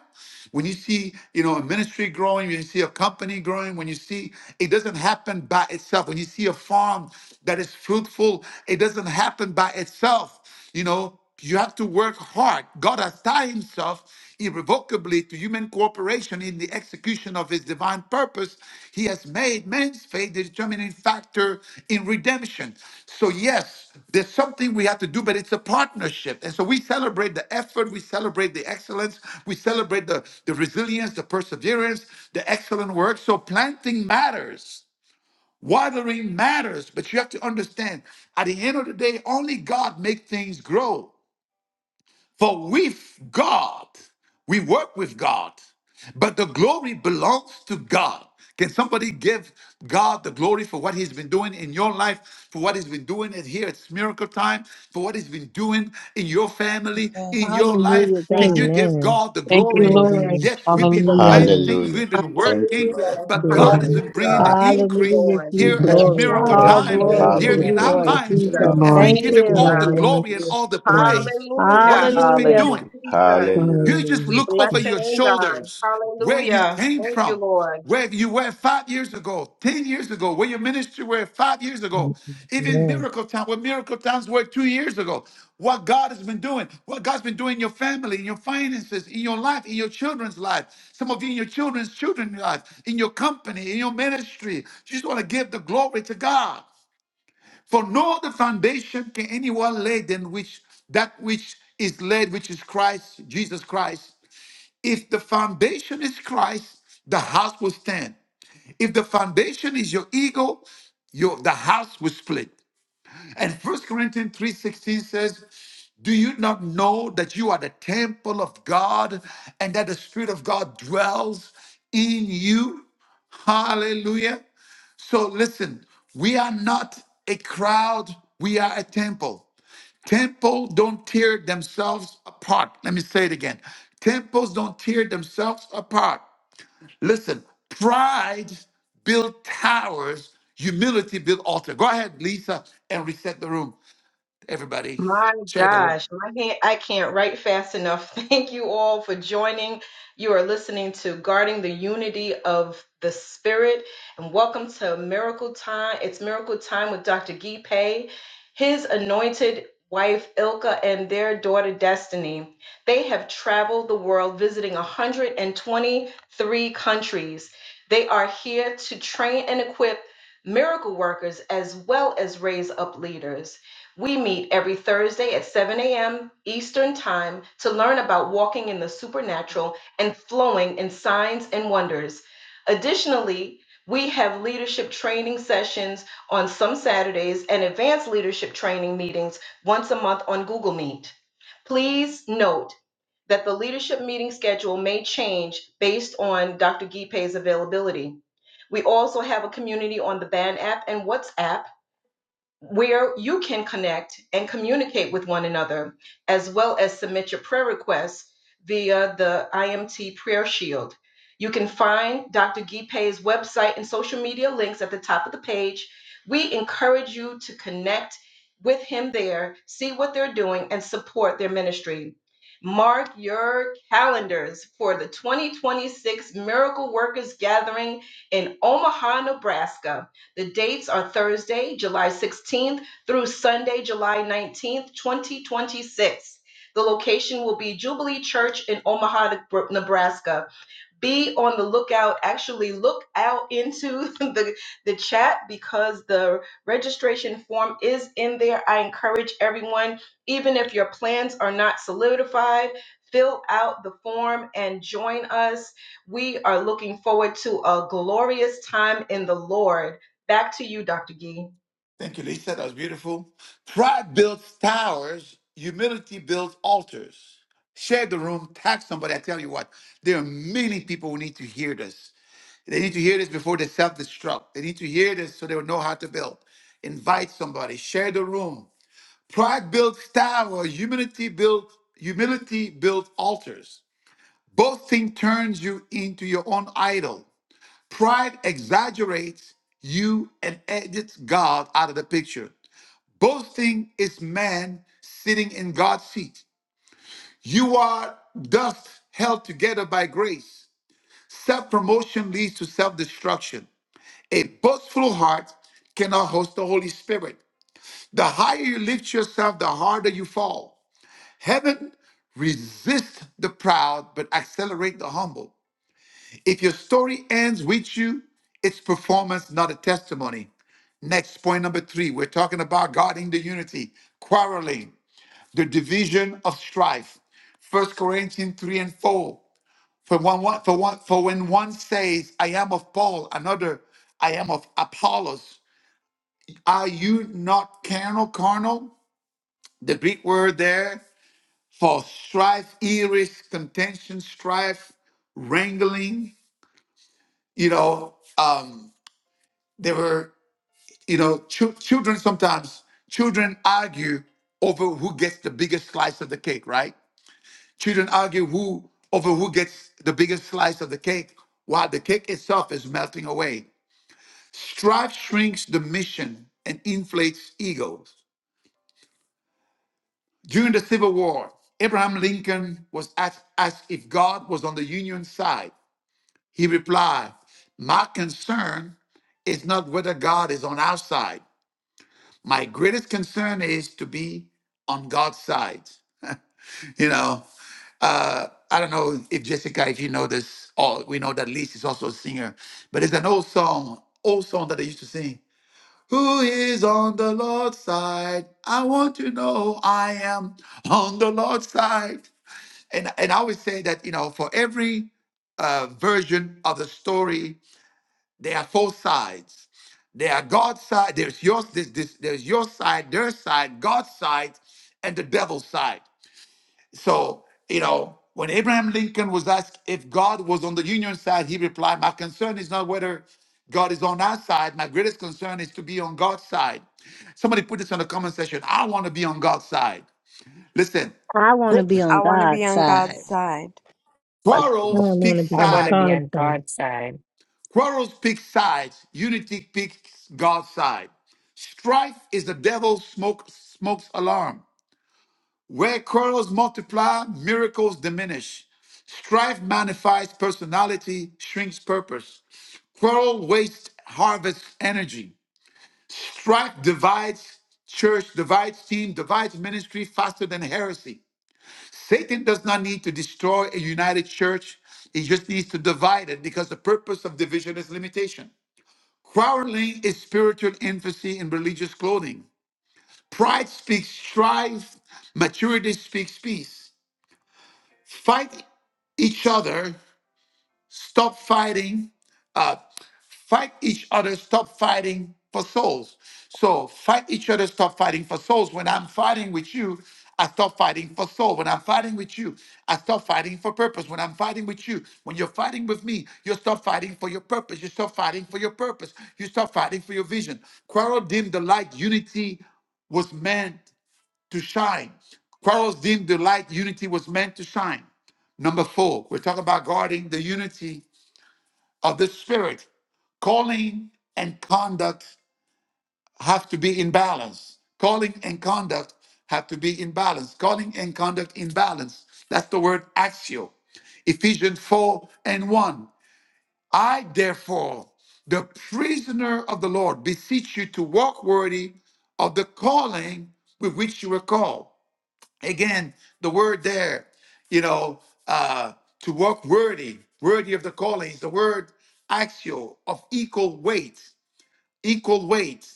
when you see you know a ministry growing when you see a company growing when you see it doesn't happen by itself when you see a farm that is fruitful it doesn't happen by itself you know you have to work hard god has tied himself irrevocably to human cooperation in the execution of his divine purpose, he has made man's faith the determining factor in redemption. So, yes, there's something we have to do, but it's a partnership. And so we celebrate the effort, we celebrate the excellence, we celebrate the, the resilience, the perseverance, the excellent work. So, planting matters. Watering matters, but you have to understand at the end of the day, only God makes things grow. For with God, we work with God, but the glory belongs to God. Can somebody give God the glory for what He's been doing in your life, for what He's been doing at here at Miracle Time, for what He's been doing in your family, in
Yes,
your
Hallelujah,
life? Can you
God.
give
Amen.
God the
Thank you,
glory?
Lord.
Glory.
Hallelujah.
Yes, we've
Jesus.
Today.
been
Hallelujah.
Glory.
planting,
Hallelujah.
we've been
Thank you,
working,
Lord.
Hallelujah.
Thank
but
you,
Yes.
Glory
God
Lord.
be
has been
to
bringing
Hallelujah.
Lord.
the
God.
Thank you,
increase
Hallelujah,
Lord.
here
Thank
at
Jesus.
Jesus.
you,
Glory
Jesus.
to
Miracle
Glory
All
Thank
Thank
God.
to
you,
Time,
your
yes,
glory
Father.
to
here
name.
Hallelujah.
We
in
you,
Thank
Lord.
our
you,
thank you
Lord
for
Jesus.
lives,
your
you,
Jesus.
love.
and
Lord.
we
Thank
give
Thank
Thank
Him
you
you,
you.
all
for
the
God.
your
Yes.
glory and
grace.
all the
Glory.
praise for what
Hallelujah.
he's been
Thank
Hallelujah.
you,
Hallelujah.
doing.
Jesus.
Hallelujah.
You just
We
Hallelujah.
look
bless
over
Jesus.
your
your name, God.
shoulders where you
Hallelujah.
came
Thank
from,
you, Lord.
where you were five years ago, 10 years ago, where your ministry were five years ago, even
Yes.
Miracle Town, where Miracle Towns were two years ago, what God has been doing, what God's been doing in your family, in your finances, in your life, in your children's life, some of you in your children's children's life, in your company, in your ministry. You just want to give the glory to God. For no other foundation can anyone lay than which that which is laid, which is Christ, Jesus Christ. If the foundation is Christ, the house will stand. If the foundation is your ego, your the house will split. And First Corinthians 3:16 says, "Do you not know that you are the temple of God and that the spirit of God dwells in you?" Hallelujah. So listen, we are not a crowd, we are a temple. Temple don't tear themselves apart. Let me say it again. Temples don't tear themselves apart. Listen, pride built towers, humility built altar. Go ahead, Lisa, and reset the room. Everybody
My
shared their.
gosh, my hand, I can't write fast enough. Thank you all for joining. You are listening to Guarding the Unity of the Spirit, and welcome to Miracle Time. It's Miracle Time with Dr. Guy Pei, his anointed wife Ilka, and their daughter Destiny. They have traveled the world visiting 123 countries. They are here to train and equip miracle workers as well as raise up leaders. We meet every Thursday at 7 a.m. Eastern Time to learn about walking in the supernatural and flowing in signs and wonders. Additionally, we have leadership training sessions on some Saturdays and advanced leadership training meetings once a month on Google Meet. Please note that the leadership meeting schedule may change based on Dr. Gipe's availability. We also have a community on the Band app and WhatsApp where you can connect and communicate with one another, as well as submit your prayer requests via the IMT Prayer Shield. You can find Dr. Gipe's website and social media links at the top of the page. We encourage you to connect with him there, see what they're doing, and support their ministry. Mark your calendars for the 2026 Miracle Workers Gathering in Omaha, Nebraska. The dates are Thursday, July 16th through Sunday, July 19th, 2026. The location will be Jubilee Church in Omaha, Nebraska be on the lookout actually look out into the the chat because the registration form is in there i encourage everyone even if your plans are not solidified fill out the form and join us we are looking forward to a glorious time in the lord back to you dr gee
Thank you, Lisa. That was beautiful. Pride builds towers. Humility builds altars. Share the room. Tag somebody. I tell you what, there are many people who need to hear this. They need to hear this before they self-destruct. They need to hear this so they will know how to build. Invite somebody. Share the room. Pride builds towers. Humility builds humility builds altars. Boasting turns you into your own idol. Pride exaggerates you and edits God out of the picture. Boasting is man sitting in God's seat. You are dust held together by grace. Self promotion leads to self destruction. A boastful heart cannot host the Holy Spirit. The higher you lift yourself, the harder you fall. Heaven resists the proud, but accelerate the humble. If your story ends with you, it's performance, not a testimony. Next point number three, we're talking about guarding the unity, quarreling, the division of strife. First Corinthians 3 and 4. For one, one, for one for when one says, I am of Paul, another, I am of Apollos, are you not carnal, carnal? The Greek word there for strife, iris, contention, strife, wrangling, you know, um, there were you know, chil- children sometimes children argue over who gets the biggest slice of the cake, right? Children argue who over who gets the biggest slice of the cake while the cake itself is melting away. Strife shrinks the mission and inflates egos. During the Civil War, Abraham Lincoln was asked, asked if God was on the Union side. He replied, My concern is not whether God is on our side. My greatest concern is to be on God's side. You know, uh, I don't know if Jessica, if you know this, or we know that Liz is also a singer, but it's an old song, old song that they used to sing. Who is on the Lord's side? I want to know I am on the Lord's side. And, and I always say that, you know, for every uh, version of the story there are four sides. There are God's side. There's your this, this, there's your side, their side, God's side, and the devil's side. So you know when Abraham Lincoln was asked if God was on the Union side, he replied, "My concern is not whether." God is on our side. My greatest concern is to be on God's side. Somebody put this in the comment section. I want to be on God's side. Listen,
I want to
Qu-
be on
I want to be
God's
on God's
side.
side.
I
quarrels
want
pick
to be
I
on
want to
side.
be
God's
on
side.
God's side.
Quarrels pick sides. Unity picks God's side. Strife is the devil's smoke smoke's alarm. Where quarrels multiply, miracles diminish. Strife magnifies personality, shrinks purpose. Quarrel wastes harvests energy. Strife divides church, divides team, divides ministry faster than heresy. Satan does not need to destroy a united church. He just needs to divide it because the purpose of division is limitation. Quarreling is spiritual infancy in religious clothing. Pride speaks strife, maturity speaks peace. Fight each other, stop fighting, uh, Fight each other, stop fighting for souls. So fight each other, stop fighting for souls. When I'm fighting with you, I stop fighting for soul. When I'm fighting with you, I stop fighting for purpose. When I'm fighting with you, when you're fighting with me, you stop fighting for your purpose. You stop fighting for your purpose. You stop fighting for your vision. Quarrel dim the light. Unity was meant to shine. Quarrels dim the light. Unity was meant to shine. Number four, we're talking about guarding the unity of the Spirit, calling and conduct have to be in balance. Calling and conduct have to be in balance. Calling and conduct in balance. That's the word axio. Ephesians 4 and 1. I, therefore, the prisoner of the Lord, beseech you to walk worthy of the calling with which you were called again the word there you know uh to walk worthy worthy of the calling is the word axial of equal weight equal weight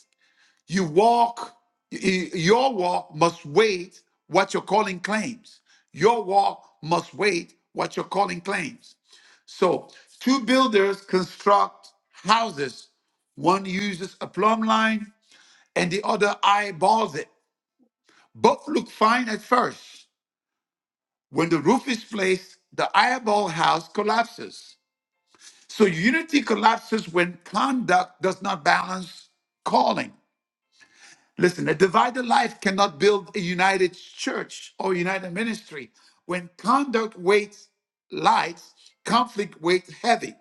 you walk y- your walk must weight what your calling claims your walk must weight what your calling claims so two builders construct houses one uses a plumb line and the other eyeballs it both look fine at first When the roof is placed, the eyeball house collapses. So unity collapses when conduct does not balance calling. Listen, a divided life cannot build a united church or united ministry. When conduct weighs light, conflict weighs heavy.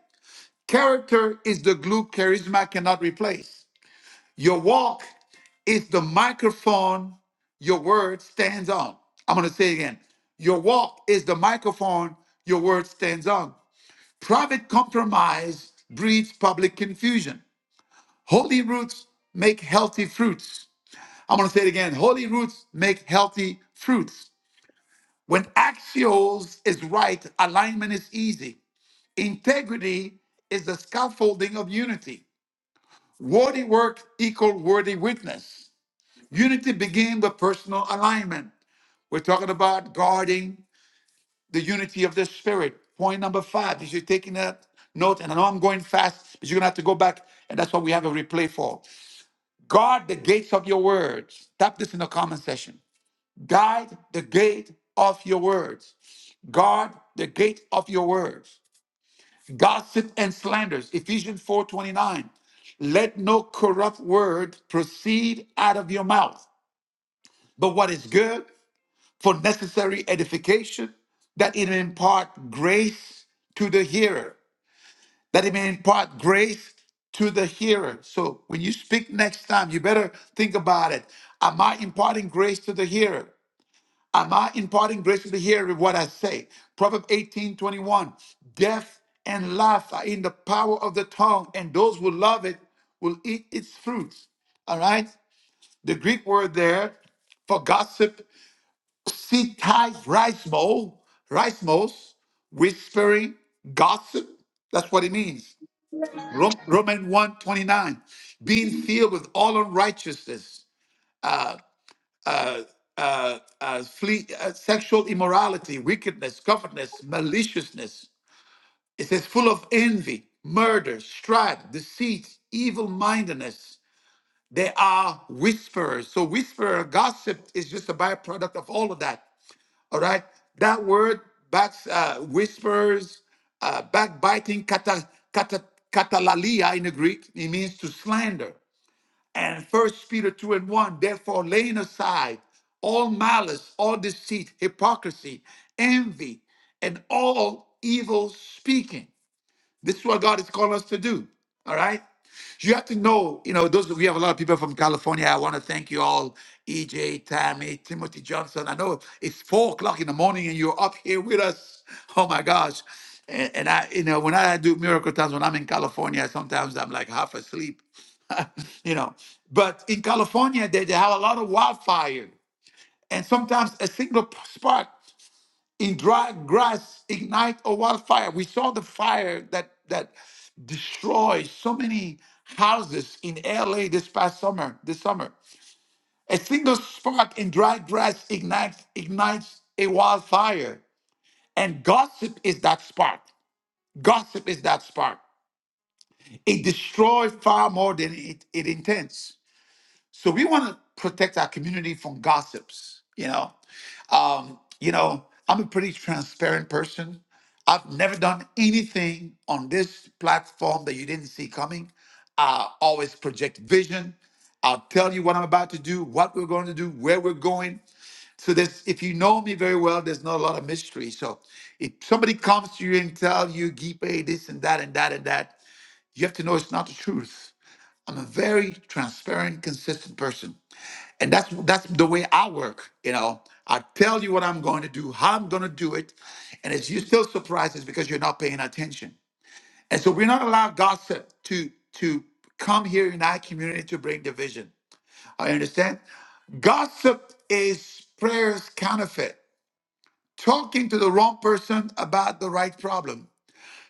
Character is the glue charisma cannot replace. Your walk is the microphone your word stands on. I'm going to say it again. Your walk is the microphone your word stands on. Private compromise breeds public confusion. Holy roots make healthy fruits. I'm going to say it again. Holy roots make healthy fruits. When axios is right, alignment is easy. Integrity is the scaffolding of unity. Worthy work equal worthy witness. Unity begins with personal alignment. We're talking about guarding the unity of the spirit. Point number five, if you're taking that note, and I know I'm going fast, but you're going to have to go back, and that's what we have a replay for. Guard the gates of your words. Tap this in the comment section. Guide the gate of your words. Guard the gate of your words. Gossip and slanders. Ephesians 4:29. Let no corrupt word proceed out of your mouth, but what is good for necessary edification, that it may impart grace to the hearer, that it may impart grace to the hearer. So when you speak next time, you better think about it. Am I imparting grace to the hearer? Am I imparting grace to the hearer with what I say? Proverbs 18:21. Death and life are in the power of the tongue, and those who love it will eat its fruits. All right? The Greek word there for gossip she ties rice bowl, rice moles, whispering gossip. That's what it means. Rom- Roman one twenty nine, being filled with all unrighteousness, uh, uh, uh, flee, uh, sexual immorality, wickedness, covetousness, maliciousness. It says, full of envy, murder, strife, deceit, evil mindedness. They are whisperers. So, whisperer gossip is just a byproduct of all of that. All right. That word back uh, whispers, uh, backbiting, kata, kata, katalalia in the Greek, it means to slander. And First Peter 2 and 1, therefore laying aside all malice, all deceit, hypocrisy, envy, and all evil speaking. This is what God is calling us to do. All right. You have to know, you know, those we have a lot of people from California. I want to thank you all, EJ, Tammy, Timothy Johnson. I know it's four o'clock in the morning and you're up here with us. Oh my gosh. And, and I, you know, when I do miracle times when I'm in California, sometimes I'm like half asleep, you know. But in California, they, they have a lot of wildfire. And sometimes a single p- spark in dry grass ignite a wildfire. We saw the fire that that destroyed so many houses in LA this past summer. This summer, a single spark in dry grass ignites ignites a wildfire, and gossip is that spark. Gossip is that spark. It destroys far more than it, it intends. So we want to protect our community from gossips. You know, Um, you know, I'm a pretty transparent person. I've never done anything on this platform that you didn't see coming. I always project vision. I'll tell you what I'm about to do, what we're going to do, where we're going. So there's, if you know me very well, there's not a lot of mystery. So if somebody comes to you and tell you, Gipe, this and that and that and that, you have to know it's not the truth. I'm a very transparent, consistent person and that's that's the way I work. You know, I tell you what I'm going to do, how I'm going to do it, and if you're still surprised, it's because you're not paying attention. And so we're not allowed gossip to to come here in our community to bring division. I understand. Gossip is prayer's counterfeit. Talking to the wrong person about the right problem.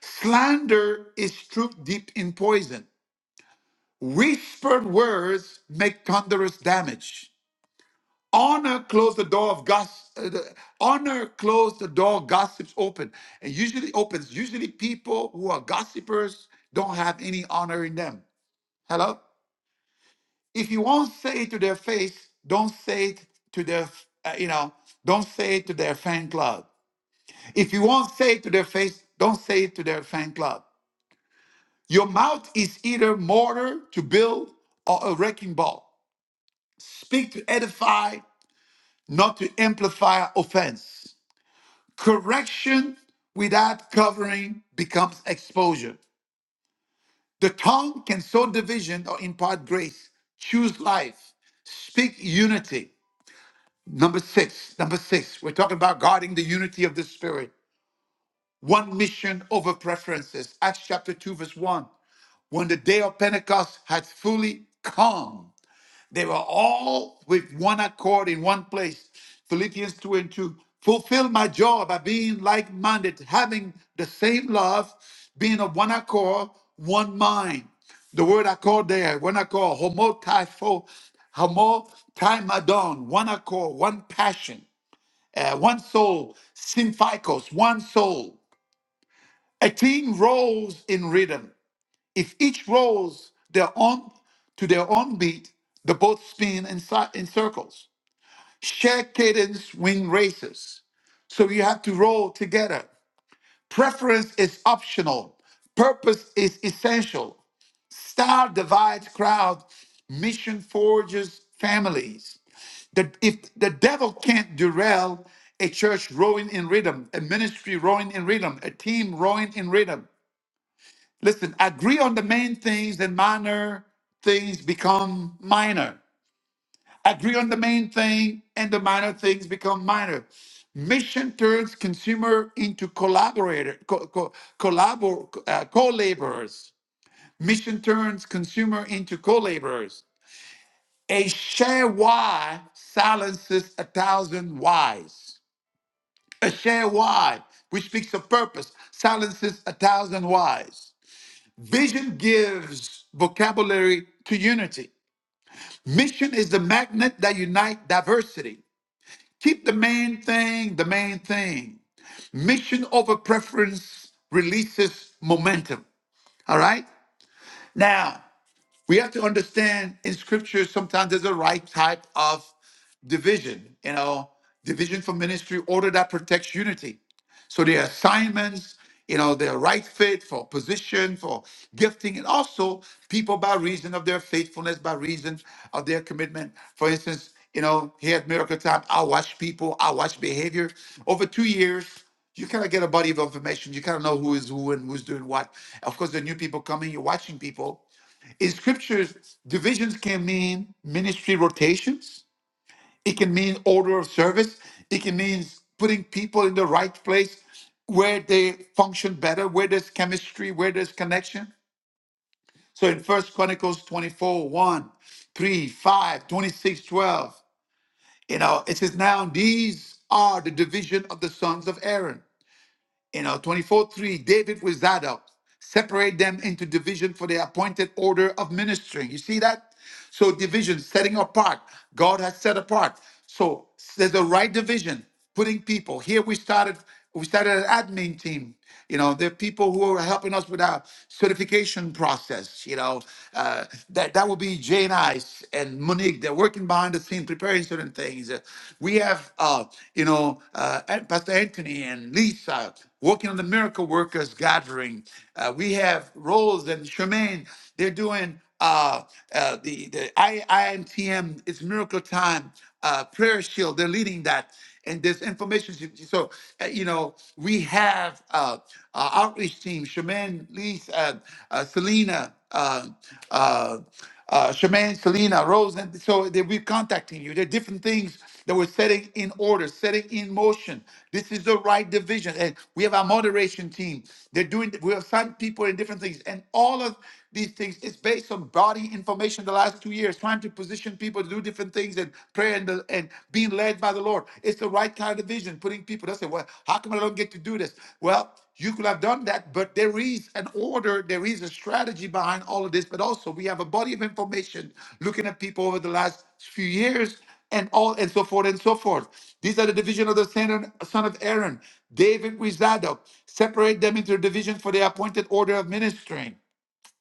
Slander is truth deep in poison. Whispered words make thunderous damage. Honor closed the door of gossip. Honor closed the door. Gossips open, and usually opens. Usually, people who are gossipers don't have any honor in them. Hello. If you won't say it to their face, don't say it to their. Uh, you know, don't say it to their fan club. If you won't say it to their face, don't say it to their fan club. Your mouth is either mortar to build or a wrecking ball. Speak to edify, not to amplify offense. Correction without covering becomes exposure. The tongue can sow division or impart grace. Choose life. Speak unity. Number six, number six, we're talking about guarding the unity of the Spirit. One mission over preferences. Acts chapter 2, verse 1. When the day of Pentecost had fully come, They were all with one accord in one place. Philippians 2 and 2. Fulfill my joy by being like minded, having the same love, being of one accord, one mind. The word accord there, one accord, homotypho, homotimadon, one accord, one passion, uh, one soul, symphycos, one soul. A team rolls in rhythm. If each rolls their own to their own beat, the boats spin in, si- in circles. Share cadence when races. So you have to roll together. Preference is optional. Purpose is essential. Style divides crowd. Mission forges families. The, if the devil can't derail a church rowing in rhythm, a ministry rowing in rhythm, a team rowing in rhythm, Listen, agree on the main things, and minor things become minor. Agree on the main thing, and the minor things become minor. Mission turns consumer into collaborator, co- co- collabor, uh, co-laborers. Mission turns consumer into co-laborers. A share why silences a thousand whys. A share why, which speaks of purpose, silences a thousand whys. Vision gives vocabulary to unity. Mission is the magnet that unites diversity. Keep the main thing the main thing. Mission over preference releases momentum. All right? Now, we have to understand in scripture sometimes there's a right type of division you know division for ministry order that protects unity so there are assignments you know they're right fit for position for gifting and also people by reason of their faithfulness by reason of their commitment for instance you know here at miracle time i watch people i watch behavior over two years you kind of get a body of information you kind of know who is who and who's doing what of course the new people coming you're watching people in scriptures, divisions can mean ministry rotations, it can mean order of service, it can mean putting people in the right place where they function better, where there's chemistry, where there's connection. So in First Chronicles twenty-four one, three, five, twenty-six, twelve, you know, it says, Now these are the division of the sons of Aaron. You know, 24, 3, David with Zadok, separate them into division for the appointed order of ministering. You see that? So division, setting apart. God has set apart. So there's a right division, putting people. Here we started, we started an admin team. You know, there are people who are helping us with our certification process. You know, uh, that that would be Jay and I s- and Monique. They're working behind the scene, preparing certain things. Uh, we have, uh, you know, uh, An- Pastor Anthony and Lisa working on the Miracle Workers gathering. Uh, we have Rose and Charmaine. They're doing uh, uh, the, the I, IMTM, it's Miracle Time uh, Prayer Shield. They're leading that. And there's information. So, uh, you know, we have uh, uh, outreach team, Shaman, Lise, uh, uh, Selena, uh, uh, uh, Shaman, Selena, Rose. And so they, we're contacting you. There are different things that we're setting in order, setting in motion. This is the right division. And we have our moderation team. They're doing, we have some people in different things. And all of these things. It's based on body information the last two years, trying to position people to do different things and prayer and, the, and being led by the Lord. It's the right kind of vision, putting people, they say, well, how come I don't get to do this? Well, you could have done that, but there is an order, there is a strategy behind all of this. But also, we have a body of information looking at people over the last few years and all and so forth and so forth. These are the division of the son son of Aaron, David with Zadok. Separate them into divisions for the appointed order of ministering.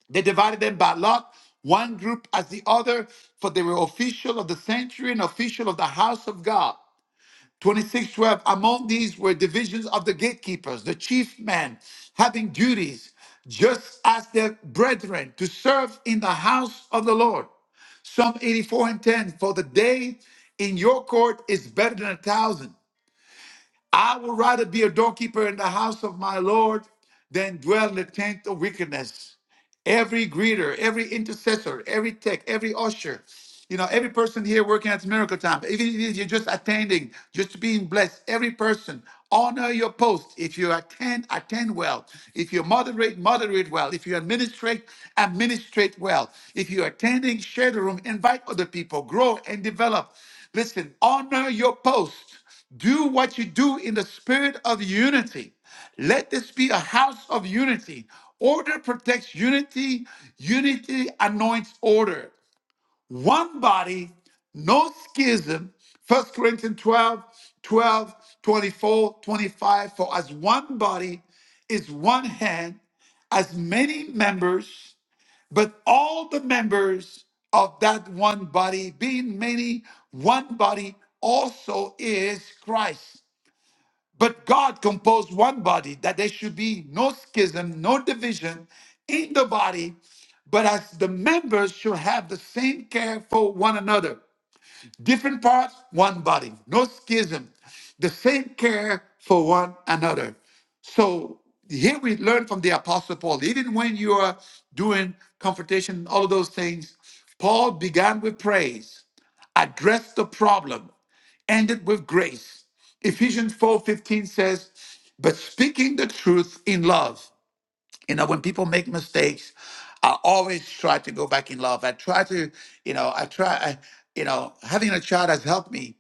They divided them by lot, one group as the other, for they were official of the sanctuary and official of the house of God. 2612 Among these were divisions of the gatekeepers, the chief men, having duties just as their brethren to serve in the house of the Lord. Psalm 84 and 10 For the day in your court is better than a thousand. I would rather be a doorkeeper in the house of my Lord than dwell in the tent of wickedness. Every greeter, every intercessor, every tech, every usher, you know, every person here working at Miracle Time, even if you're just attending, just being blessed, every person, honor your post. If you attend, attend well. If you moderate, moderate well. If you administrate, administrate well. If you're attending, share the room, invite other people, grow and develop. Listen, honor your post. Do what you do in the spirit of unity. Let this be a house of unity. Order protects unity, unity anoints order. One body, no schism. First Corinthians 12, 12, 24, 25. For as one body is one hand, as many members. But all the members of that one body, being many, one body also is Christ. But God composed one body that there should be no schism, no division in the body, but as the members should have the same care for one another. Different parts, one body. No schism. The same care for one another. So here we learn from the Apostle Paul. Even when you are doing confrontation, all of those things, Paul began with praise, addressed the problem, ended with grace. Ephesians 4:15 says, but speaking the truth in love. You know, when people make mistakes, I always try to go back in love. I try to, you know, I try, I, you know, having a child has helped me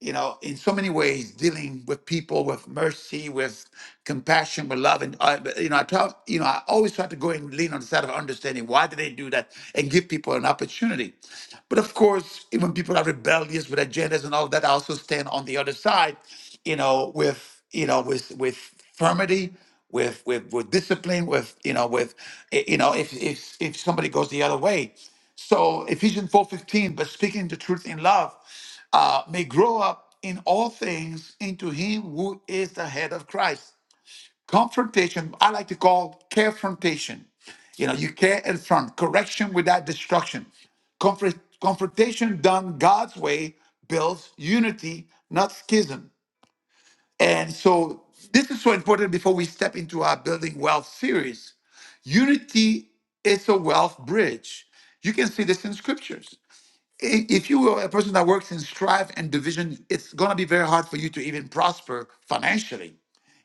you know, in so many ways, dealing with people with mercy, with compassion, with love, and uh, you know, I try. you know, I always try to go and lean on the side of understanding why do they do that, and give people an opportunity. But of course, even people are rebellious with agendas and all that, I also stand on the other side, you know, with you know, with with firmity, with with with discipline, with you know, with eh, you know, if if if somebody goes the other way, so Ephesians four fifteen, but speaking the truth in love uh, may grow up in all things into him who is the head of Christ. Confrontation, I like to call confrontation. You know, you care and front, correction without destruction. Confront, confrontation done God's way builds unity, not schism. And so this is so important before we step into our Building Wealth series. Unity is a wealth bridge. You can see this in scriptures i- if you are a person that works in strife and division, it's going to be very hard for you to even prosper financially.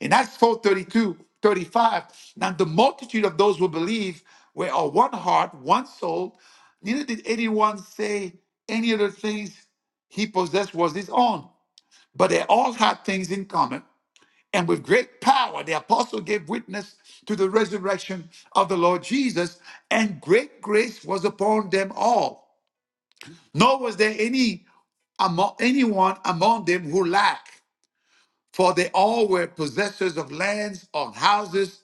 In Acts 4 32 35, now the multitude of those who believe were of one heart, one soul. Neither did anyone say any of the things he possessed was his own, but they all had things in common. And with great power, the apostle gave witness to the resurrection of the Lord Jesus, and great grace was upon them all. Nor was there any among anyone among them who lacked, for they all were possessors of lands or houses.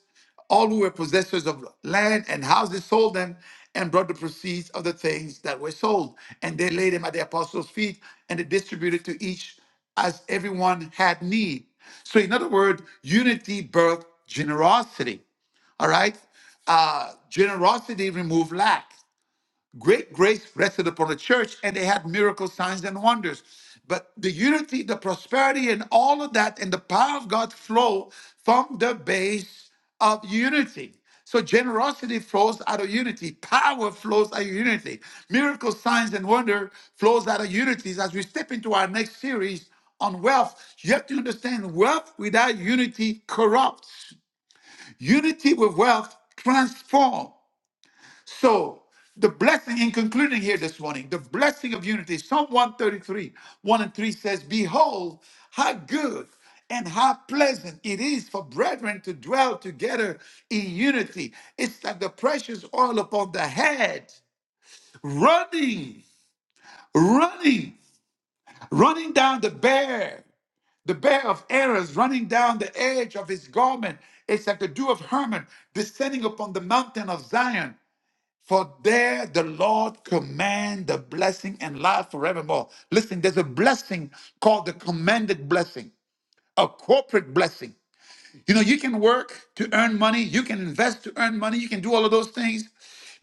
All who were possessors of land and houses sold them and brought the proceeds of the things that were sold, and they laid them at the apostles' feet, and they distributed to each as everyone had need. So, in other words, unity birthed generosity. All right, uh, generosity removed lack. Great grace rested upon the church, and they had miracles, signs, and wonders. But the unity, the prosperity, and all of that, and the power of God flow from the base of unity. So generosity flows out of unity. Power flows out of unity. Miracles, signs, and wonder flows out of unity. As we step into our next series on wealth, you have to understand wealth without unity corrupts. Unity with wealth transforms. So, the blessing in concluding here this morning, the blessing of unity, Psalm 133, 1 and 3 says, Behold, how good and how pleasant it is for brethren to dwell together in unity. It's like the precious oil upon the head, running, running, running down the bear, the bear of errors, running down the edge of his garment. It's like the dew of Hermon descending upon the mountain of Zion. For there the Lord command the blessing and life forevermore. Listen, there's a blessing called the commanded blessing, a corporate blessing. You know, you can work to earn money, you can invest to earn money, you can do all of those things,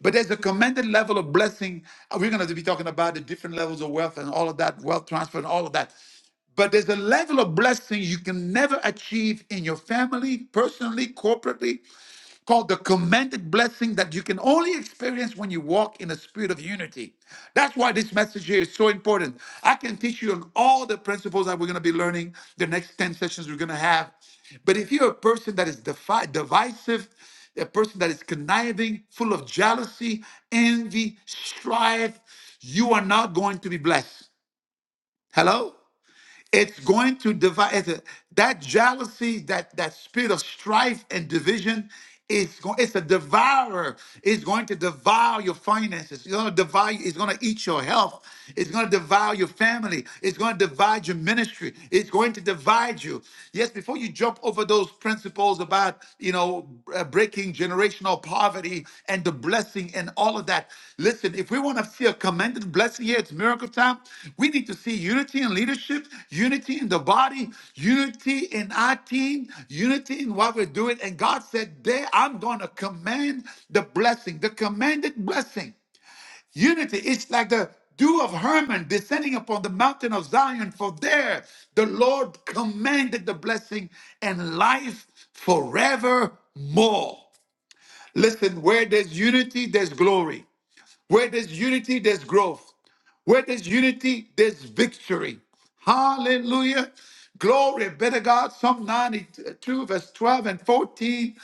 but there's a commanded level of blessing. Uh, We're going to be talking about the different levels of wealth and all of that, wealth transfer and all of that. But there's a level of blessing you can never achieve in your family, personally, corporately called the commanded blessing that you can only experience when you walk in a spirit of unity. That's why this message here is so important. I can teach you on all the principles that we're going to be learning the next 10 sessions we're going to have. But if you're a person that is defi- divisive, a person that is conniving, full of jealousy, envy, strife, you are not going to be blessed. Hello? it's going to divide it's a- that jealousy that that spirit of strife and division is going it's a devourer it's going to devour your finances it's going to devour it's going to eat your health it's going to devour your family it's going to divide your ministry it's going to divide you yes before you jump over those principles about you know, uh, breaking generational poverty and the blessing and all of that. Listen, if we want to see a commended blessing here, it's miracle time. We need to see unity in leadership, unity in the body, unity in our team, unity in what we're doing. And God said, There, I'm going to command the blessing, the commanded blessing. Unity It's like the dew of Hermon descending upon the mountain of Zion, for there the Lord commanded the blessing and life forevermore. Listen, where there's unity, there's glory. Where there's unity, there's growth. Where there's unity, there's victory. Hallelujah. Glory be to God. Psalm 92, verse 12 and 14.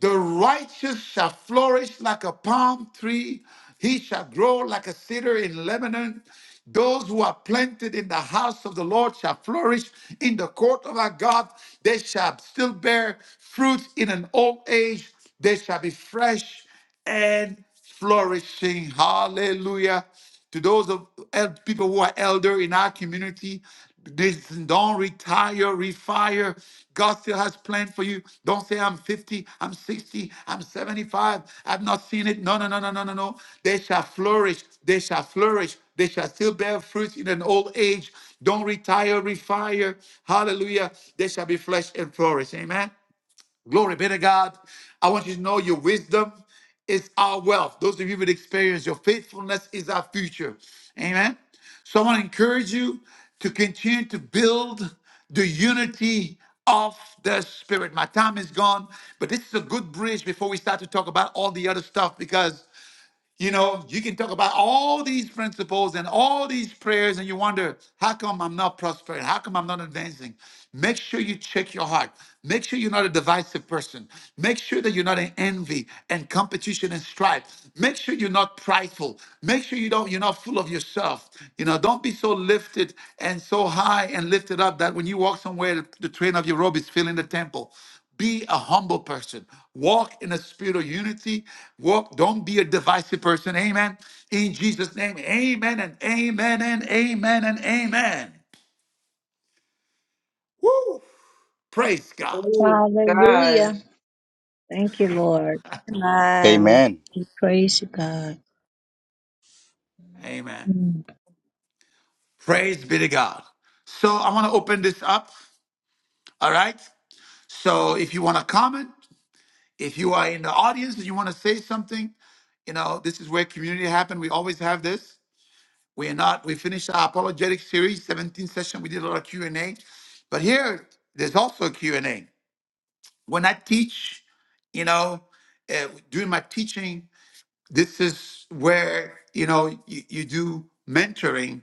The righteous shall flourish like a palm tree. He shall grow like a cedar in Lebanon. Those who are planted in the house of the Lord shall flourish in the court of our God. They shall still bear fruit in an old age. They shall be fresh and flourishing. Hallelujah. To those of el- people who are elder in our community, this, don't retire, refire. God still has plan for you. Don't say I'm 50, I'm 60, I'm 75. I've not seen it. No, no, no, no, no, no, no. They shall flourish. They shall flourish. They shall still bear fruit in an old age. Don't retire, refire. Hallelujah. They shall be flesh and flourish. Amen. Glory be to God. I want you to know your wisdom is our wealth. Those of you with experience, your faithfulness is our future. Amen. So I want to encourage you to continue to build the unity of the spirit. My time is gone, but this is a good bridge before we start to talk about all the other stuff because you know, you can talk about all these principles and all these prayers, and you wonder, how come I'm not prospering? How come I'm not advancing? Make sure you check your heart. Make sure you're not a divisive person. Make sure that you're not in envy and competition and strife. Make sure you're not prideful. Make sure you don't, you're not full of yourself. You know, don't be so lifted and so high and lifted up that when you walk somewhere, the train of your robe is filling the temple be a humble person walk in a spirit of unity walk don't be a divisive person amen in jesus name amen and amen and amen and amen Woo! praise god
Praise God.
Hallelujah. Thank you, Lord.
Amen.
Amen.
Praise you, God.
amen
Mm.
praise be to god so i want to open this up all right so if you want to comment if you are in the audience and you want to say something you know this is where community happened we always have this We are not. We finished our apologetic series, 17th session. We did a lot of Q and A, but here there's also a Q and A. When I teach, you know, uh, during my teaching, this is where you know you, you do mentoring.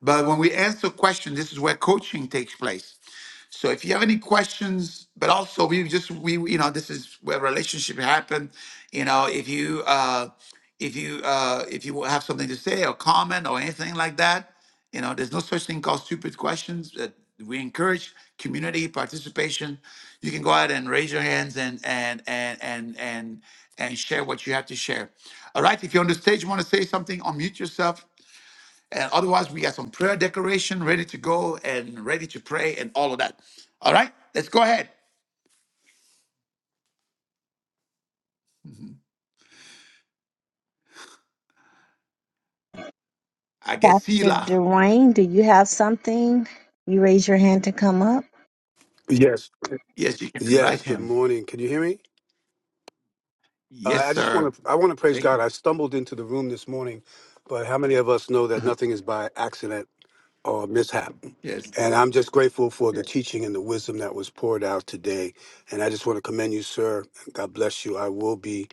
But when we answer questions, this is where coaching takes place. So if you have any questions, but also we just we you know this is where relationship happen. You know if you uh, if you uh, if you have something to say or comment or anything like that, you know there's no such thing called stupid questions. That we encourage community participation. You can go ahead and raise your hands and and and and and and share what you have to share. All right, if you're on the stage, want to say something, unmute yourself and otherwise, we got some prayer decoration ready to go and ready to pray and all of that. All right, let's go ahead. Mhm. I guess
Pastor
Sila.
Dwayne, do you have something? You raise your hand to come up.
Yes.
Yes, you can invite
Yes. Good
him.
morning. Can you hear me? Uh,
Yes,
I just
sir.
want to. I want to praise
Thank
God.
you.
I stumbled into the room this morning, but how many of us know that
Uh-huh.
nothing is by accident? or mishap.
Yes.
And I'm just grateful for
Yeah.
the teaching and the wisdom that was poured out today. And I just want to commend you, sir. God bless you. I will be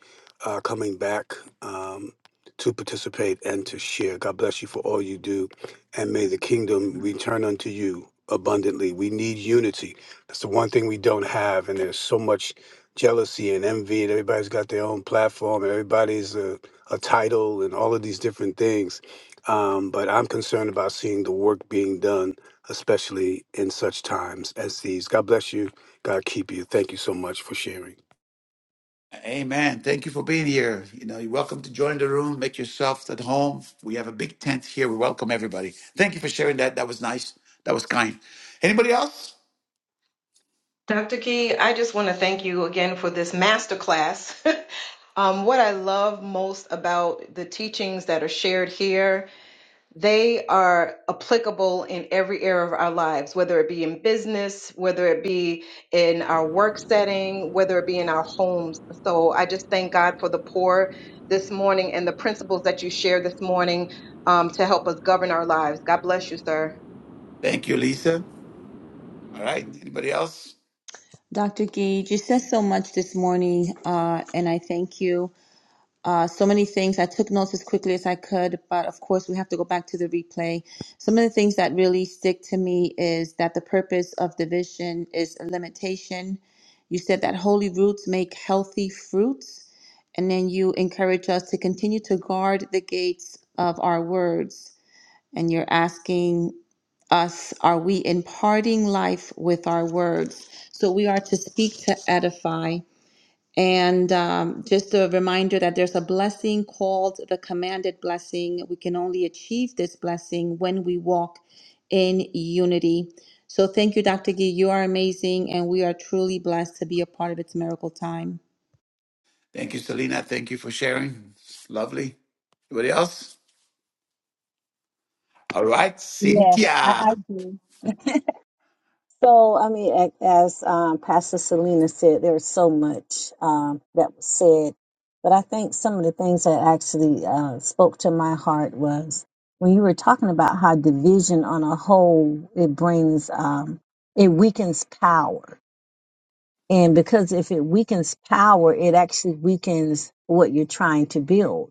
uh, coming back um, to participate and to share. God bless you for all you do. And may the kingdom
Mhm.
return unto you abundantly. We need unity. That's the one thing we don't have. And there's so much jealousy and envy, and everybody's got their own platform, and everybody's a, a title, and all of these different things um, but I'm concerned about seeing the work being done, especially in such times as these. God bless you. God keep you. Thank you so much for sharing.
Amen. Thank you for being here. You know, you're welcome to join the room. Make yourself at home. We have a big tent here. We welcome everybody. Thank you for sharing that. That was nice. That was kind. Anybody else?
Dr. Key, I just want to thank you again for this masterclass. um, what I love most about the teachings that are shared here, they are applicable in every area of our lives, whether it be in business, whether it be in our work setting, whether it be in our homes. So I just thank God for the pour this morning and the principles that you shared this morning um, to help us govern our lives. God bless you, sir.
Thank you, Lisa. All right. Anybody else?
Dr. Gage, you said so much this morning, uh, and I thank you. uh, so many things. I took notes as quickly as I could, but of course, we have to go back to the replay. Some of the things that really stick to me is that the purpose of division is a limitation. You said that holy roots make healthy fruits, and then you encourage us to continue to guard the gates of our words. And you're asking us, are we imparting life with our words? So we are to speak to edify. And um, just a reminder that there's a blessing called the commanded blessing. We can only achieve this blessing when we walk in unity. So thank you, Dr. Gee. You are amazing, and we are truly blessed to be a part of its miracle time.
Thank you, Selena. Thank you for sharing. It's lovely. Anybody else? All right,
Yes, I, I
Cynthia.
do. So, I mean, a- as um, Pastor Selena said, there was so much um, that was said, but I think some of the things that actually uh, spoke to my heart was when you were talking about how division on a whole it brings um, it weakens power, and because if it weakens power, it actually weakens what you're trying to build.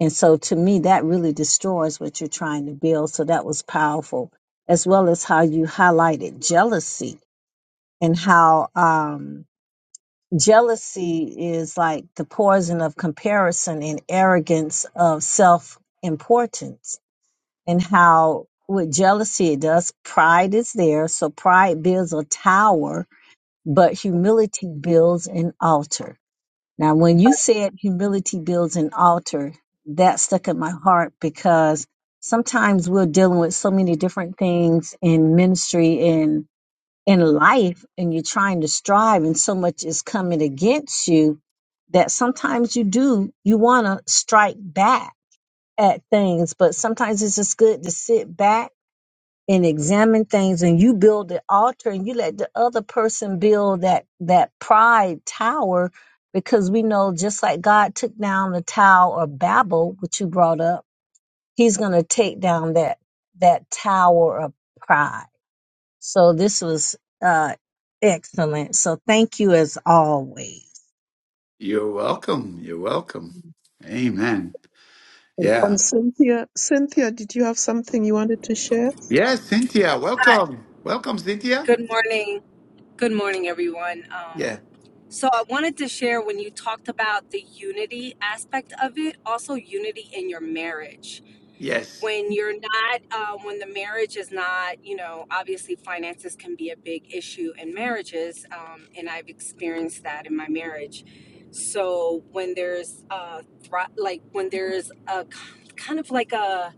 And so to me, that really destroys what you're trying to build. So that was powerful, as well as how you highlighted jealousy and how um, jealousy is like the poison of comparison and arrogance of self importance, and how with jealousy it does, pride is there. So pride builds a tower, but humility builds an altar. Now, when you said humility builds an altar, that stuck in my heart because sometimes we're dealing with so many different things in ministry and in life, and you're trying to strive, and so much is coming against you that sometimes you do, you want to strike back at things, but sometimes it's just good to sit back and examine things and you build the altar and you let the other person build that that pride tower because we know just like God took down the tower of Babel which you brought up he's going to take down that that tower of pride so this was uh excellent so thank you as always
You're welcome. You're welcome. Amen. Yeah.
And Cynthia, Cynthia, did you have something you wanted to share?
Yes, Cynthia.
Hi.
Welcome. Welcome, Cynthia.
Good morning. Good morning, everyone. Um,
Yeah.
so I wanted to share when you talked about the unity aspect of it, also unity in your marriage.
Yes.
When you're not, uh, when the marriage is not, you know, obviously finances can be a big issue in marriages, um, and I've experienced that in my marriage. So when there's uh, thri- like when there's a k- kind of like a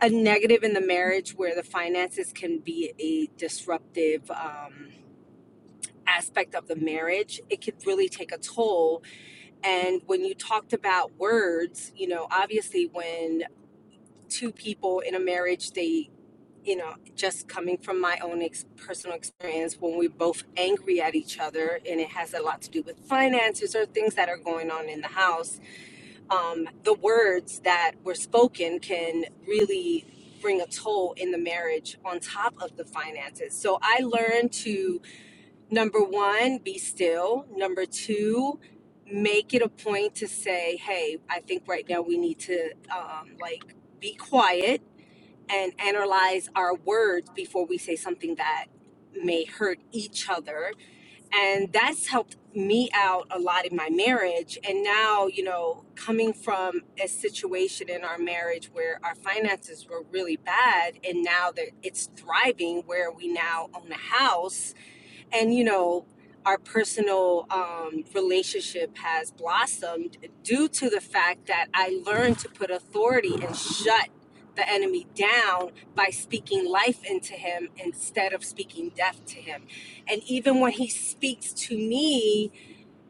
a negative in the marriage where the finances can be a disruptive. Um, aspect of the marriage, it could really take a toll. And when you talked about words, you know, obviously when two people in a marriage, they, you know, just coming from my own ex- personal experience, when we're both angry at each other, and it has a lot to do with finances or things that are going on in the house, um, the words that were spoken can really bring a toll in the marriage on top of the finances. So I learned to Number one, be still. Number two, make it a point to say, hey, I think right now we need to um, like be quiet and analyze our words before we say something that may hurt each other. And that's helped me out a lot in my marriage. And now, you know, coming from a situation in our marriage where our finances were really bad, and now that it's thriving, where we now own a house and you know our personal um, relationship has blossomed due to the fact that i learned to put authority and shut the enemy down by speaking life into him instead of speaking death to him and even when he speaks to me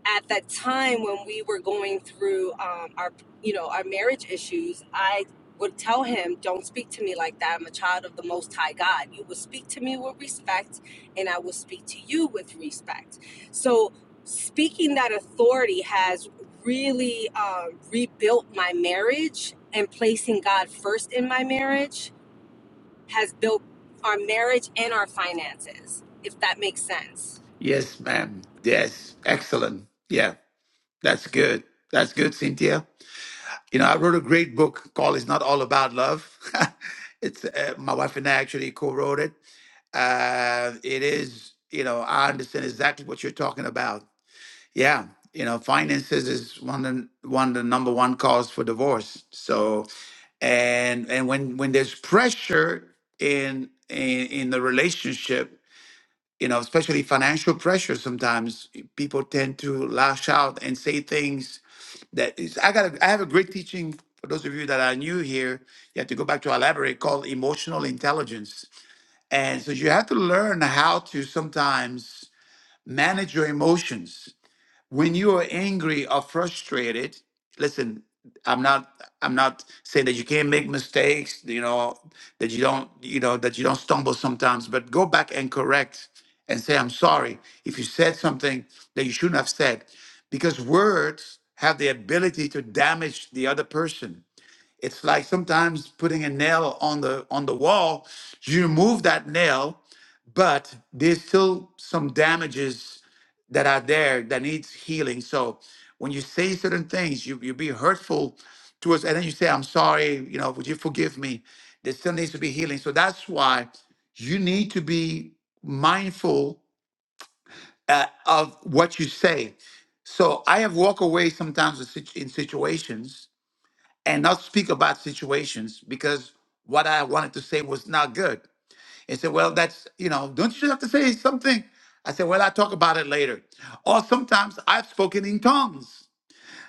at that time when we were going through um, our you know our marriage issues i would tell him don't speak to me like that i'm a child of the most high god you will speak to me with respect and i will speak to you with respect so speaking that authority has really um, rebuilt my marriage and placing god first in my marriage has built our marriage and our finances if that makes sense
Yes, ma'am. Yes. Excellent. Yeah. That's good. That's good, Cynthia. You know, I wrote a great book called "It's Not All About Love." it's uh, my wife and I actually co-wrote it. Uh, it is, you know, I understand exactly what you're talking about Yeah, you know, finances is one of the, one of the number one cause for divorce. So, and and when when there's pressure in in, in the relationship, you know, especially financial pressure, sometimes eh, people tend to lash out and say things that is. I got. A, I have a great teaching for those of you that are new here. You have to go back to elaborate called emotional intelligence, and so you have to learn how to sometimes manage your emotions when you are angry or frustrated listen i'm not i'm not saying that you can't make mistakes you know that you don't you know that you don't stumble sometimes but go back and correct and say i'm sorry if you said something that you shouldn't have said because words have the ability to damage the other person it's like sometimes putting a nail on the on the wall you remove that nail but there's still some damages that are there that needs healing. So when you say certain things, you you be hurtful to us, and then you say, "I'm sorry," you know, would you forgive me? There still needs to be healing. So that's why you need to be mindful uh, of what you say. So I have walked away sometimes in situ- in situations and not speak about situations because what I wanted to say was not good they said, Well, that's, you know, don't you have to say something? I said, Well, I'll talk about it later. Or sometimes I've spoken in tongues.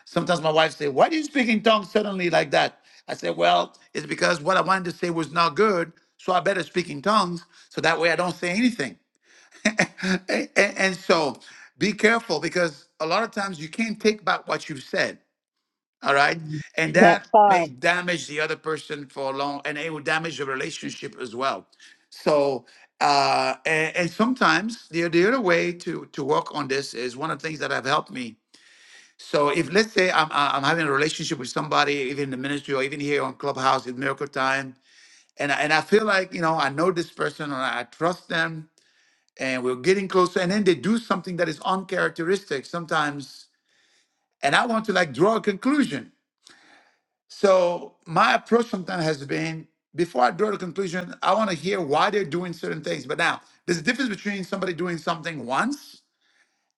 Sometimes my wife say, Why do you speak in tongues suddenly like that? I said, Well, it's because what I wanted to say was not good. So I better speak in tongues so that way I don't say anything. And, and so be careful because a lot of times you can't take back what you've said. All right. And
that
that may
part
damage the other person for a long, and it will damage the relationship as well. So, uh, and, and sometimes the, the other way to, to work on this is one of the things that have helped me. So if let's say I'm, I- I'm having a relationship with somebody, even in the ministry or even here on Clubhouse at Miracle Time, and I, and I feel like, you know, I know this person or I trust them and we're getting closer. And then they do something that is uncharacteristic sometimes. And I want to like draw a conclusion So my approach sometimes has been before I draw the conclusion, I want to hear why they're doing certain things. But now there's a difference between somebody doing something once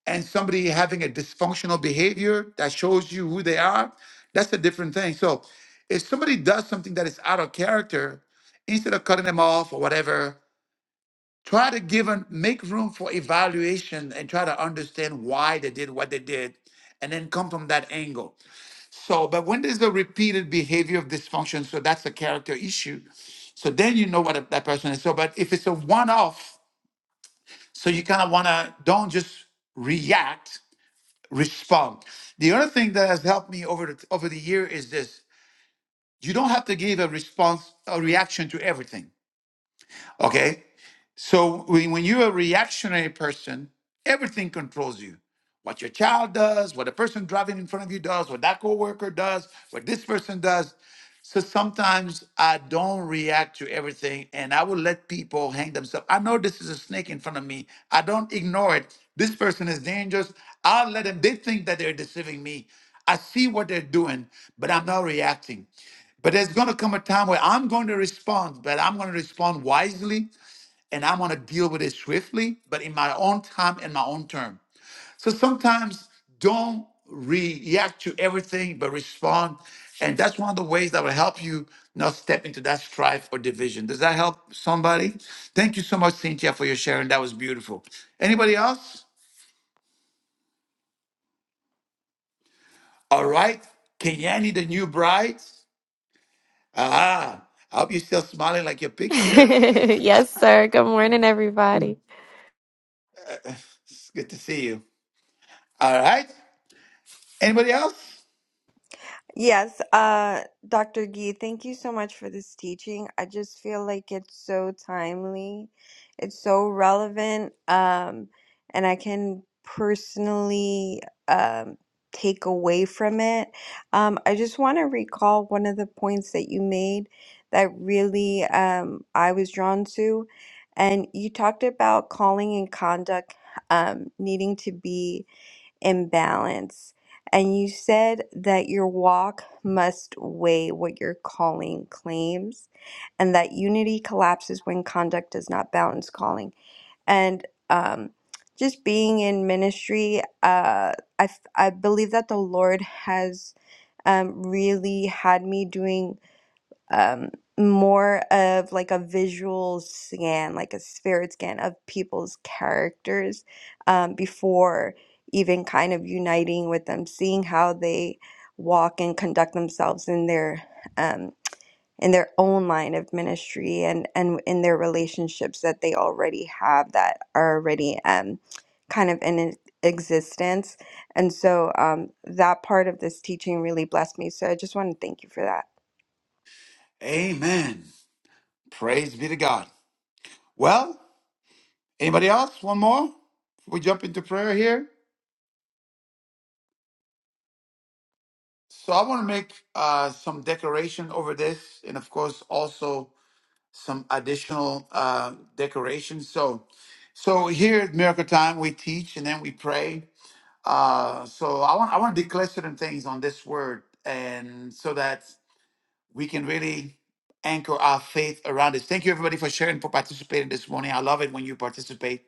and somebody having a dysfunctional behavior that shows you who they are. That's a different thing. So if somebody does something that is out of character, instead of cutting them off or whatever, try to give and make room for evaluation and try to understand why they did what they did and then come from that angle. So, but when there's a repeated behavior of dysfunction, so that's a character issue. So then you know what a- that person is. So, but if it's a one off, so you kind of want to don't just react, respond. The other thing that has helped me over the over the year is this: you don't have to give a response, a reaction to everything. Okay. So when, when you're a reactionary person, everything controls you. What your child does, what the person driving in front of you does, what that coworker does, what this person does. So sometimes I don't react to everything and I will let people hang themselves. I know this is a snake in front of me. I don't ignore it. This person is dangerous. I'll let them, they think that they're deceiving me. I see what they're doing, but I'm not reacting. But there's going to come a time where I'm going to respond, but I'm going to respond wisely and I want to deal with it swiftly, but in my own time and my own term. So sometimes don't react to everything, but respond. And that's one of the ways that will help you not step into that strife or division. Does that help somebody? Thank you so much, Cynthia, for your sharing. That was beautiful. Anybody else? All right. Kenyani, the new bride. Ah, I hope you're still smiling like your picture.
yes, sir. Good morning, everybody.
It's good to see you. All right. Anybody else?
Yes, uh, Dr. Gee, thank you so much for this teaching. I just feel like it's so timely, it's so relevant, um, and I can personally um, take away from it. Um, I just want to recall one of the points that you made that really um, I was drawn to, and you talked about calling and conduct um, needing to be. Imbalance, And you said that your walk must weigh what your calling claims, and that unity collapses when conduct does not balance calling. And um, just being in ministry, uh, I, f- I believe that the Lord has um, really had me doing um, more of like a visual scan, like a spirit scan of people's characters um, before even kind of uniting with them, seeing how they walk and conduct themselves in their um, in their own line of ministry and and in their relationships that they already have that are already um, kind of in e- existence. And so um, that part of this teaching really blessed me. So I just want to thank you for that.
Amen. Praise be to God. Well, anybody else? One more? We jump into prayer here. So I want to make uh, some decoration over this, and of course also some additional uh, decorations. So, so here at Miracle Time, we teach and then we pray. Uh, so I want I want to declare certain things on this word, and so that we can really anchor our faith around this. Thank you everybody for sharing for participating this morning. I love it when you participate.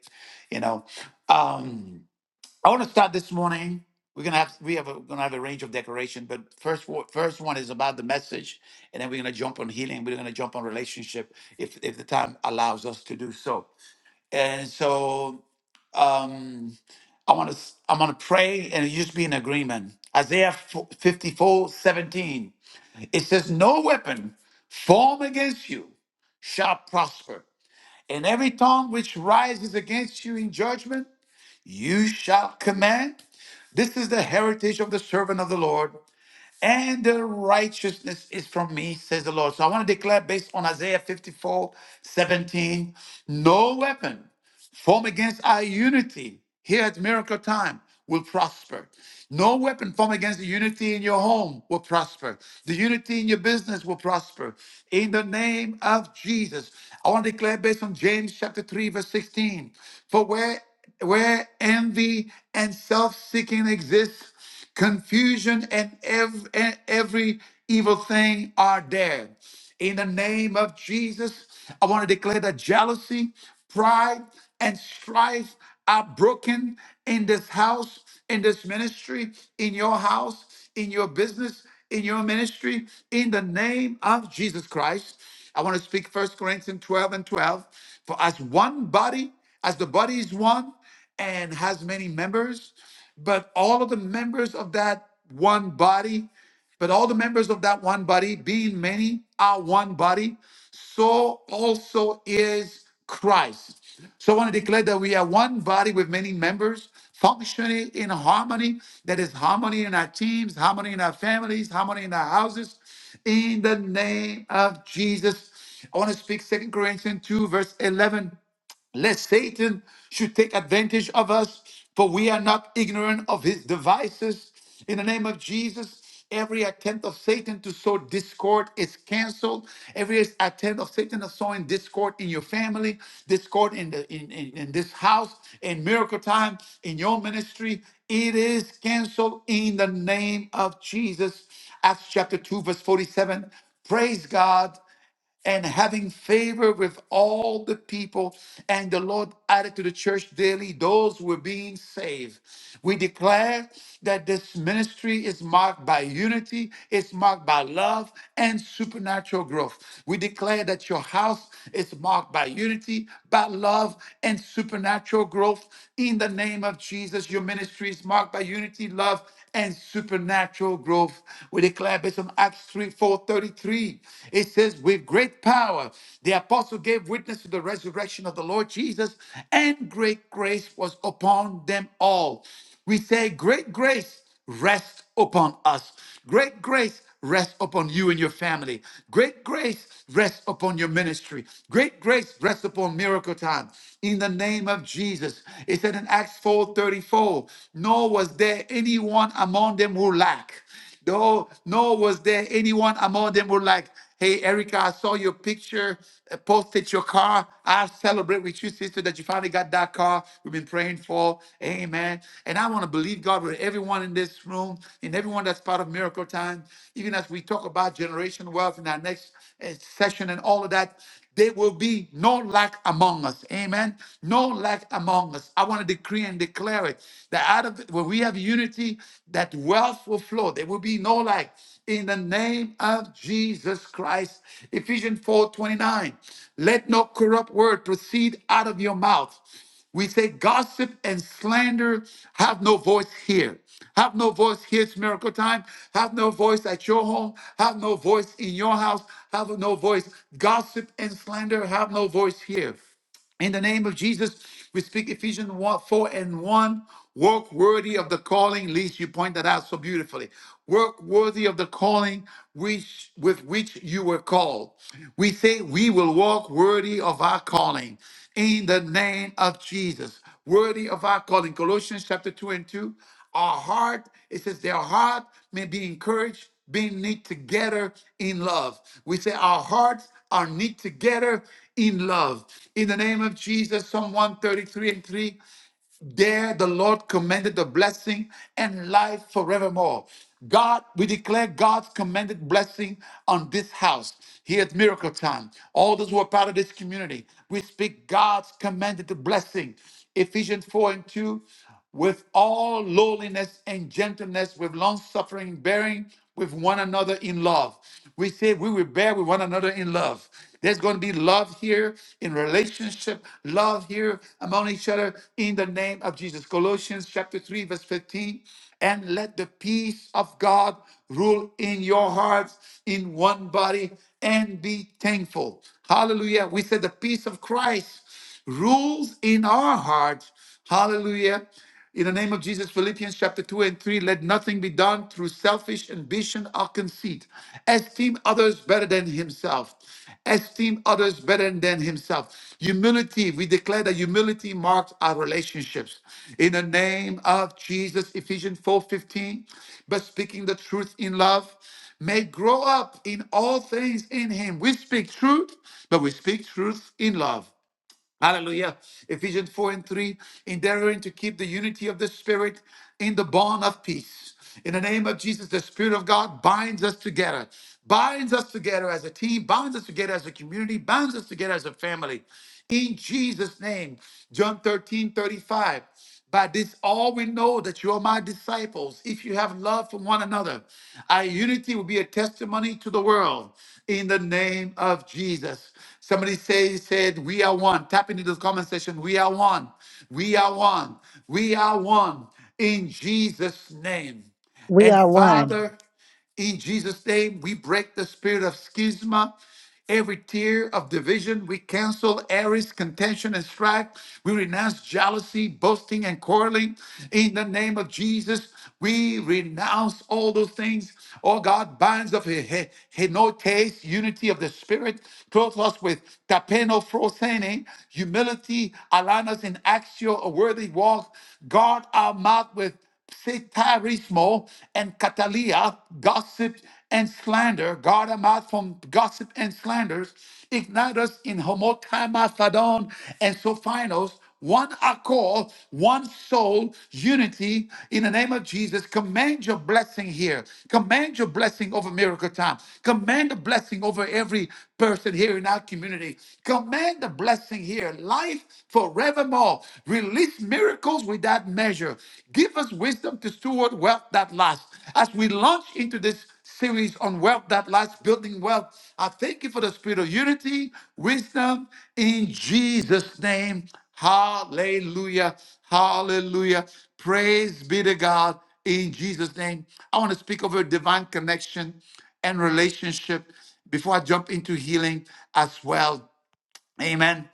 You know. Um, I want to start this morning. We're gonna have we have a, gonna have a range of decoration, but first wo- first one is about the message, and then we're gonna jump on healing. We're gonna jump on relationship if if the time allows us to do so. And so um, I want to I'm gonna pray and just be in agreement. Isaiah 54 17 It says, "No weapon formed against you shall prosper, and every tongue which rises against you in judgment you shall command." This is the heritage of the servant of the Lord, and their righteousness is from me, says the Lord. So I want to declare based on Isaiah 54:17, no weapon form against our unity here at miracle time will prosper no weapon formed against the unity in your home will prosper the unity in your business will prosper in the name of jesus i want to declare based on james chapter 3 verse 16 for where where envy and self-seeking exists Confusion and ev- and every evil thing are dead. In the name of Jesus, I want to declare that jealousy, pride, and strife are broken in this house, in this ministry, in your house, in your business, in your ministry, in the name of Jesus Christ. I want to speak First Corinthians 12 and 12. For as one body, as the body is one, and has many members, but all of the members of that one body, but all the members of that one body, being many, are one body, so also is Christ. So I want to declare that we are one body with many members functioning in harmony. That is harmony in our teams, harmony in our families, harmony in our houses. In the name of Jesus. I want to speak Second Corinthians 2, verse 11 lest Satan should take advantage of us, for we are not ignorant of his devices. In the name of Jesus, every attempt of Satan to sow discord is canceled. Every attempt of Satan of sowing discord in your family, discord in, the, in, in, in this house, in miracle time, in your ministry, it is canceled in the name of Jesus. Acts chapter 2, verse 47. Praise God and having favor with all the people. And the Lord added to the church daily those who were being saved. We declare that this ministry is marked by unity, it's marked by love and supernatural growth. We declare that your house is marked by unity, by love, and supernatural growth. In the name of Jesus, your ministry is marked by unity, love, and supernatural growth. We declare based on Acts 3 4 thirty-three. It says, With great power, the apostle gave witness to the resurrection of the Lord Jesus, and great grace was upon them all. We say, Great grace rests rest upon us. Great grace rest upon you and your family. Great grace rest upon your ministry. Great grace rest upon miracle time. In the name of Jesus. It said in Acts 4 34. nor was there anyone among them who lacked. No, nor was there anyone among them who lacked, Hey, Erica, I saw your picture uh, posted your car. I celebrate with you, sister, that you finally got that car we've been praying for. Amen. And I want to believe God with everyone in this room and everyone that's part of Miracle Time, even as we talk about generation wealth in our next uh, session and all of that there will be no lack among us. Amen. No lack among us. I want to decree and declare it that out of where we have unity, that wealth will flow. There will be no lack in the name of Jesus Christ. Ephesians 4:29. Let no corrupt word proceed out of your mouth we say gossip and slander have no voice here. Have no voice here. It's miracle time. Have no voice at your home. Have no voice in your house. Have no voice. Gossip and slander have no voice here. In the name of Jesus, we speak Ephesians 1, 4 and 1. Work worthy of the calling, least you point that out so beautifully. Work worthy of the calling which with which you were called. We say we will walk worthy of our calling in the name of Jesus worthy of our calling. Colossians chapter 2 and 2. Our heart, it says, their heart may be encouraged, being knit together in love. We say our hearts are knit together in love. In the name of Jesus, Psalm 133 and 3. There the Lord commanded the blessing and life forevermore. God, we declare God's commanded blessing on this house here at Miracle Time. All those who are part of this community, we speak God's commanded blessing. Ephesians 4 and 2 with all lowliness and gentleness, with long suffering, bearing with one another in love. We say we will bear with one another in love. There's going to be love here in relationship, love here among each other in the name of Jesus. Colossians chapter 3, verse 15. And let the peace of God rule in your hearts in one body and be thankful. Hallelujah. We said the peace of Christ rules in our hearts. Hallelujah. In the name of Jesus, Philippians chapter 2 and 3, let nothing be done through selfish ambition or conceit. Esteem others better than himself. Esteem others better than himself. Humility, we declare that humility marks our relationships. In the name of Jesus, Ephesians 4:15, but speaking the truth in love may grow up in all things in him. We speak truth, but we speak truth in love. Hallelujah. Ephesians 4 and 3, endeavoring to keep the unity of the Spirit in the bond of peace. In the name of Jesus, the Spirit of God binds us together, binds us together as a team, binds us together as a community, binds us together as a family. In Jesus' name, John 13 35. By this, all we know that you are my disciples, if you have love for one another. Our unity will be a testimony to the world in the name of Jesus. Somebody say, said, We are one. Tap into the comment section. We are one. We are one. We are one in Jesus' name.
we
And
are one
Father, in Jesus' name, we break the spirit of schisma, every tear of division. We cancel Aries, contention, and strife. We renounce jealousy, boasting, and quarreling. In the name of Jesus, we renounce all those things. Oh God, binds of he- he- henotes, unity of the spirit, clothe us with tapeno frosene, humility, align us in axio, a worthy walk. Guard our mouth with Sitarismo and Catalia, gossip and slander, guard our mouth from gossip and slanders, ignite us in homotimathadon and sophinos, one accord, one soul, unity in the name of Jesus. Command your blessing here. Command your blessing over miracle time. Command a blessing over every person here in our community. Command the blessing here. Life forevermore wealth. Release miracles without measure. Give us wisdom to steward wealth that lasts. As we launch into this series on wealth that lasts, building wealth, I thank you for the spirit of unity, wisdom in Jesus' name. Hallelujah. Hallelujah. Praise be to God in Jesus' name. I want to speak over divine connection and relationship before I jump into healing as well. Amen.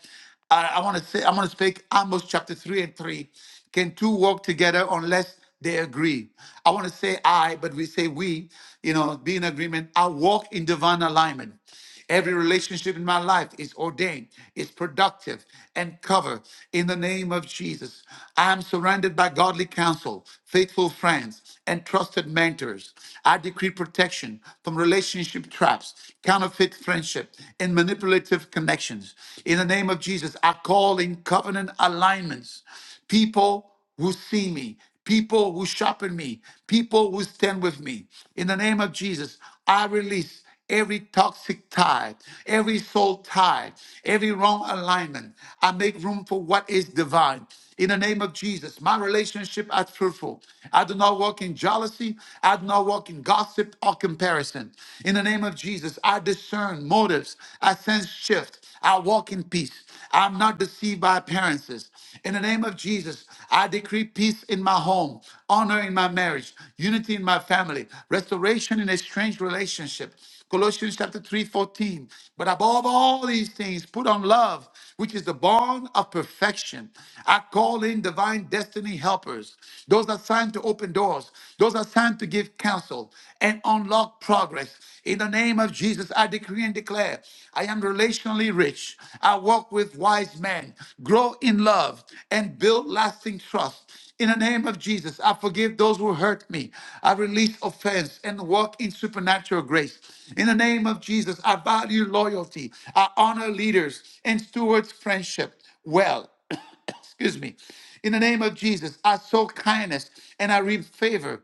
I, I want to say, I want to speak Amos chapter 3 and 3. Can two walk together unless they agree? I want to say I, but we say we, you know, be in agreement. I walk in divine alignment. Every relationship in my life is ordained, is productive, and covered in the name of Jesus. I am surrounded by godly counsel, faithful friends, and trusted mentors. I decree protection from relationship traps, counterfeit friendship, and manipulative connections. In the name of Jesus, I call in covenant alignments, people who see me, people who sharpen me, people who stand with me. In the name of Jesus, I release every toxic tide, every soul tide, every wrong alignment. I make room for what is divine. In the name of Jesus, my relationship are fruitful. I do not walk in jealousy. I do not walk in gossip or comparison. In the name of Jesus, I discern motives. I sense shift. I walk in peace. I'm not deceived by appearances. In the name of Jesus, I decree peace in my home, honor in my marriage, unity in my family, restoration in a strange relationship. Colossians chapter 3, 14. But above all these things, put on love, which is the bond of perfection. I call in divine destiny helpers. Those assigned to open doors, those assigned to give counsel and unlock progress in the name of Jesus, I decree and declare I am relationally rich. I walk with wise men, grow in love, and build lasting trust. In the name of Jesus, I forgive those who hurt me. I release offense and walk in supernatural grace. In the name of Jesus, I value loyalty. I honor leaders and stewards friendship well. Excuse me. In the name of Jesus, I sow kindness and I reap favor.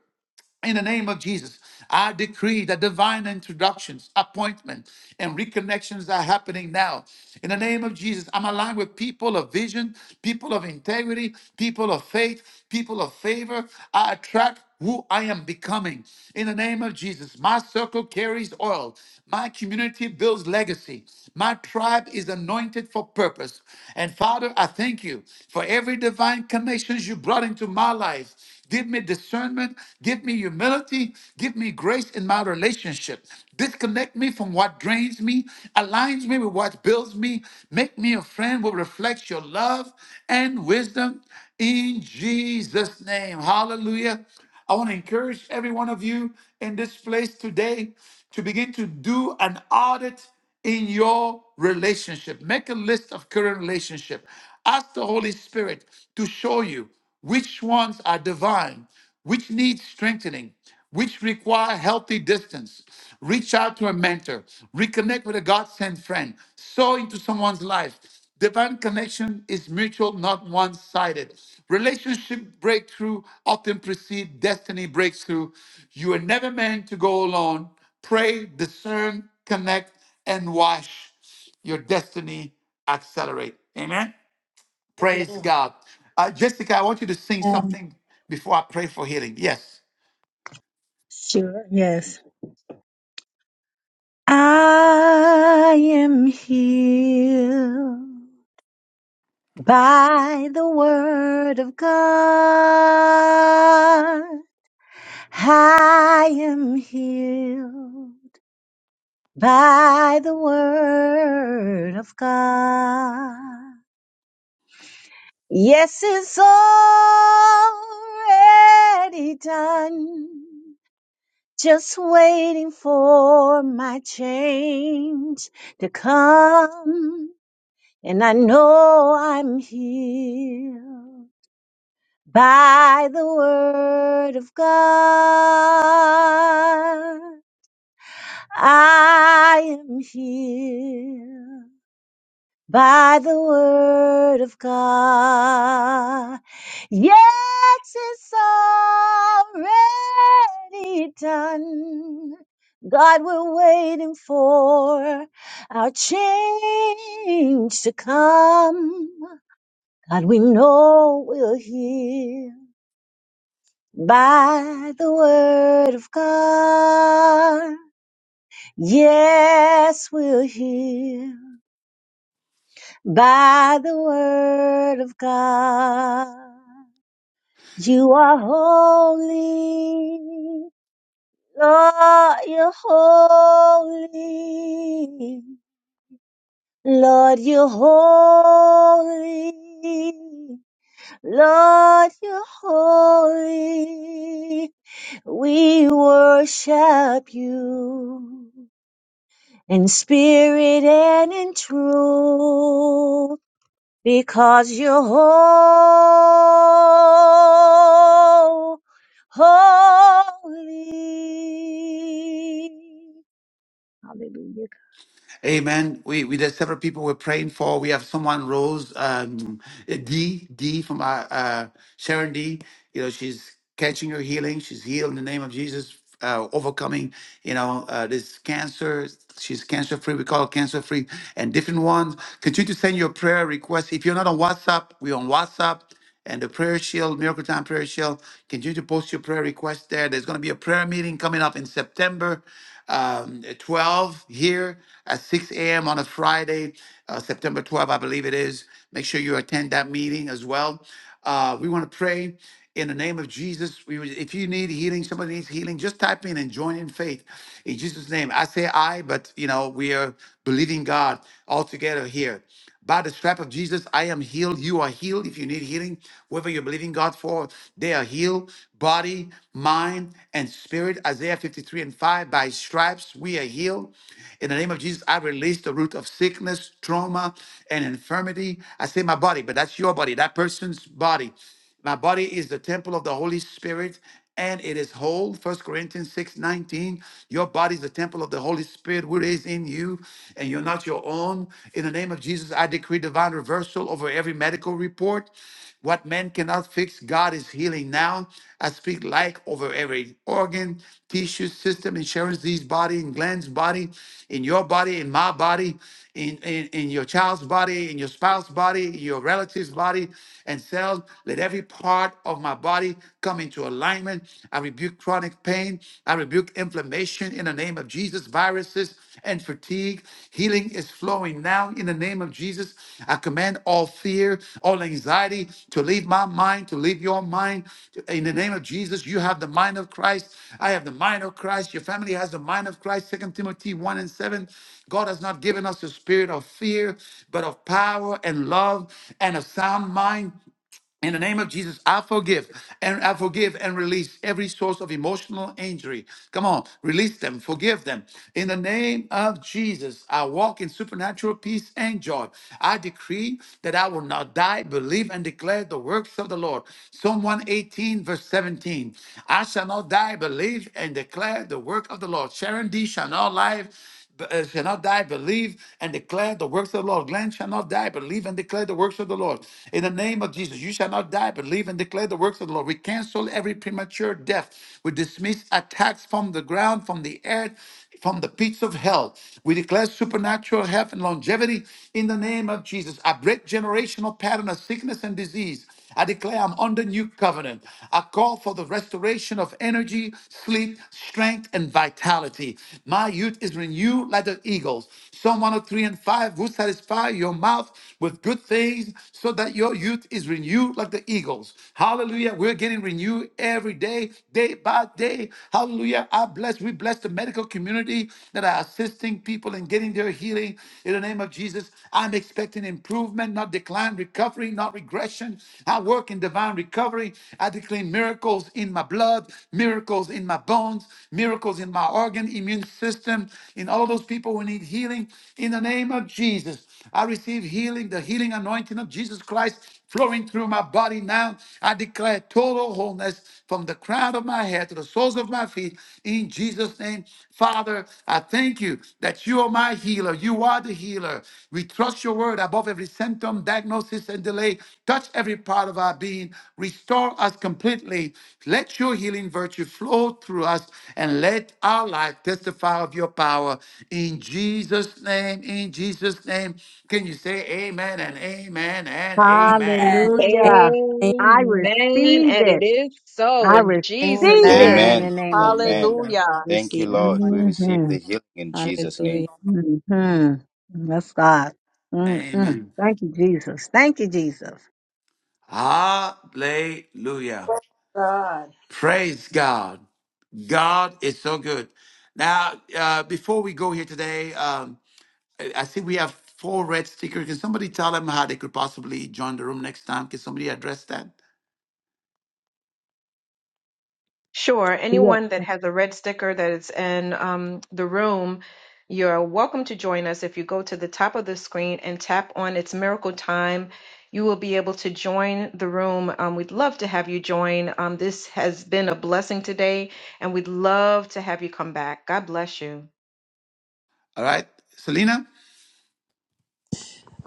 In the name of Jesus, I decree that divine introductions, appointments, and reconnections are happening now. In the name of Jesus, I'm aligned with people of vision, people of integrity, people of faith, people of favor. I attract who I am becoming. In the name of Jesus, my circle carries oil. My community builds legacy. My tribe is anointed for purpose. And Father, I thank you for every divine connection you brought into my life. Give me discernment. Give me humility. Give me grace in my relationship. Disconnect me from what drains me, aligns me with what builds me. Make me a friend who reflects your love and wisdom in Jesus' name. Hallelujah. I want to encourage every one of you in this place today to begin to do an audit in your relationship. Make a list of current relationship. Ask the Holy Spirit to show you which ones are divine? Which need strengthening? Which require healthy distance? Reach out to a mentor. Reconnect with a God sent friend. Sow into someone's life. Divine connection is mutual, not one sided. Relationship breakthrough often precede destiny breakthrough. You are never meant to go alone. Pray, discern, connect, and watch your destiny accelerate. Amen. Praise
man.
God. Uh, Jessica, I want you to sing
Amen.
something before I pray for healing. Yes.
sure yes i am healed by the word of God. I am healed by the word of God. Yes, it's already done. Just waiting for my change to come. And I know I'm healed by the word of God. I am healed by the word of God. Yes, it's already done. God, we're waiting for our change to come. God, we know we'll hear. by the word of God. Yes, we'll hear by the word of God. You are holy, Lord, you're holy. Lord, you're holy. Lord, you're holy. We worship you. in spirit and in truth, because you're whole, holy. Hallelujah.
Amen. We, we there's several people we're praying for. We have someone Rose um, D D from our uh, Sharon D. You know she's catching her healing. She's healed in the name of Jesus, uh, overcoming you know uh, this cancer. She's cancer free. We call her cancer free and different ones. Continue to send your prayer requests. If you're not on WhatsApp, we're on WhatsApp. and the prayer shield, Miracle Time Prayer Shield. Continue to post your prayer requests there. There's going to be a prayer meeting coming up in September um, 12 here at 6 a.m. on a Friday, uh, September 12, I believe it is. Make sure you attend that meeting as well. Uh, we want to pray in the name of Jesus. We, would- if you need healing, somebody needs healing, just type in and join in faith in Jesus' name. I say I, but you know we are believing God all together here. By the strap of Jesus, I am healed. You are healed. If you need healing, whoever you're believing God for, they are healed. Body, mind, and spirit. Isaiah 53 and 5. By his stripes, we are healed. In the name of Jesus, I release the root of sickness, trauma, and infirmity. I say my body, but that's your body, that person's body. My body is the temple of the Holy Spirit and it is whole. First Corinthians 6 19. Your body is the temple of the Holy Spirit, which is in you, and you're not your own. In the name of Jesus, I decree divine reversal over every medical report. What man cannot fix, God is healing now. I speak life over every organ, tissue, system, insurance, these body, in Glenn's body, in your body, in my body, in, in, in your child's body, in your spouse's body, in your relative's body, and cells. Let every part of my body come into alignment. I rebuke chronic pain. I rebuke inflammation in the name of Jesus, viruses and fatigue. Healing is flowing now in the name of Jesus. I command all fear, all anxiety to leave my mind, to leave your mind. In the name of Jesus, you have the mind of Christ. I have the mind of Christ. Your family has the mind of Christ. Second Timothy 1 and 7. God has not given us a spirit of fear, but of power and love and a sound mind. In the name of Jesus, I forgive and I forgive and release every source of emotional injury. Come on, release them, forgive them. In the name of Jesus, I walk in supernatural peace and joy. I decree that I will not die, believe and declare the works of the Lord. Psalm 118, verse 17. I shall not die, believe and declare the work of the Lord. Sharon D. shall not live but, uh, shall not die, believe and declare the works of the Lord. Glenn shall not die, believe and declare the works of the Lord. In the name of Jesus, you shall not die, believe and declare the works of the Lord. We cancel every premature death. We dismiss attacks from the ground, from the air, from the pits of hell. We declare supernatural health and longevity in the name of Jesus. I break generational pattern of sickness and disease. I declare I'm under new covenant. I call for the restoration of energy, sleep, strength, and vitality. My youth is renewed like the eagles. Psalm 103 and 5 will satisfy your mouth with good things so that your youth is renewed like the eagles. Hallelujah. We're getting renewed every day, day by day. Hallelujah. I bless, we bless the medical community that are assisting people in getting their healing healing in the name of Jesus. I'm expecting improvement, not decline, recovery, not regression. I work in divine recovery. I declare miracles in my blood, miracles in my bones, miracles in my organ, immune system, in all those people who need healing in the name of Jesus. I receive healing, the healing anointing of Jesus Christ flowing through my body now. I declare total wholeness from the crown of my head to the soles of my feet in Jesus' name. Father, I thank you that you are my healer. You are the healer. We trust your word above every symptom, diagnosis, and delay. Touch every part of our being. Restore us completely. Let your healing virtue flow through us and let our life testify of your power. In Jesus' name, in Jesus' name. Can you say amen and amen and
Amen.
amen?
Hallelujah.
Thank
I
Amen.
receive
And it
it.
is so
I
in
receive
Jesus'
you.
it
Amen.
in the
Amen.
name.
name of Jesus.
Amen.
Hallelujah.
Thank you,
Receive,
Lord.
Lord.
We receive
Mm-hmm.
the healing in Jesus' name.
Hallelujah.
Mm-hmm. That's God. Mm-mm.
Amen.
Thank you, Jesus. Thank you, Jesus.
Hallelujah.
Praise God.
Praise God. God is so good. Now, uh, before we go here today, um, I I think we have four red stickers. Can somebody tell them how they could possibly join the room next time? Can somebody address that?
Sure. Anyone that has a red sticker that is in um, the room, you're welcome to join us. If you go to the top of the screen and tap on It's Miracle Time, you will be able to join the room. Um, we'd love to have you join. Um, this has been a blessing today, and we'd love to have you come back. God bless you.
All right, Selena.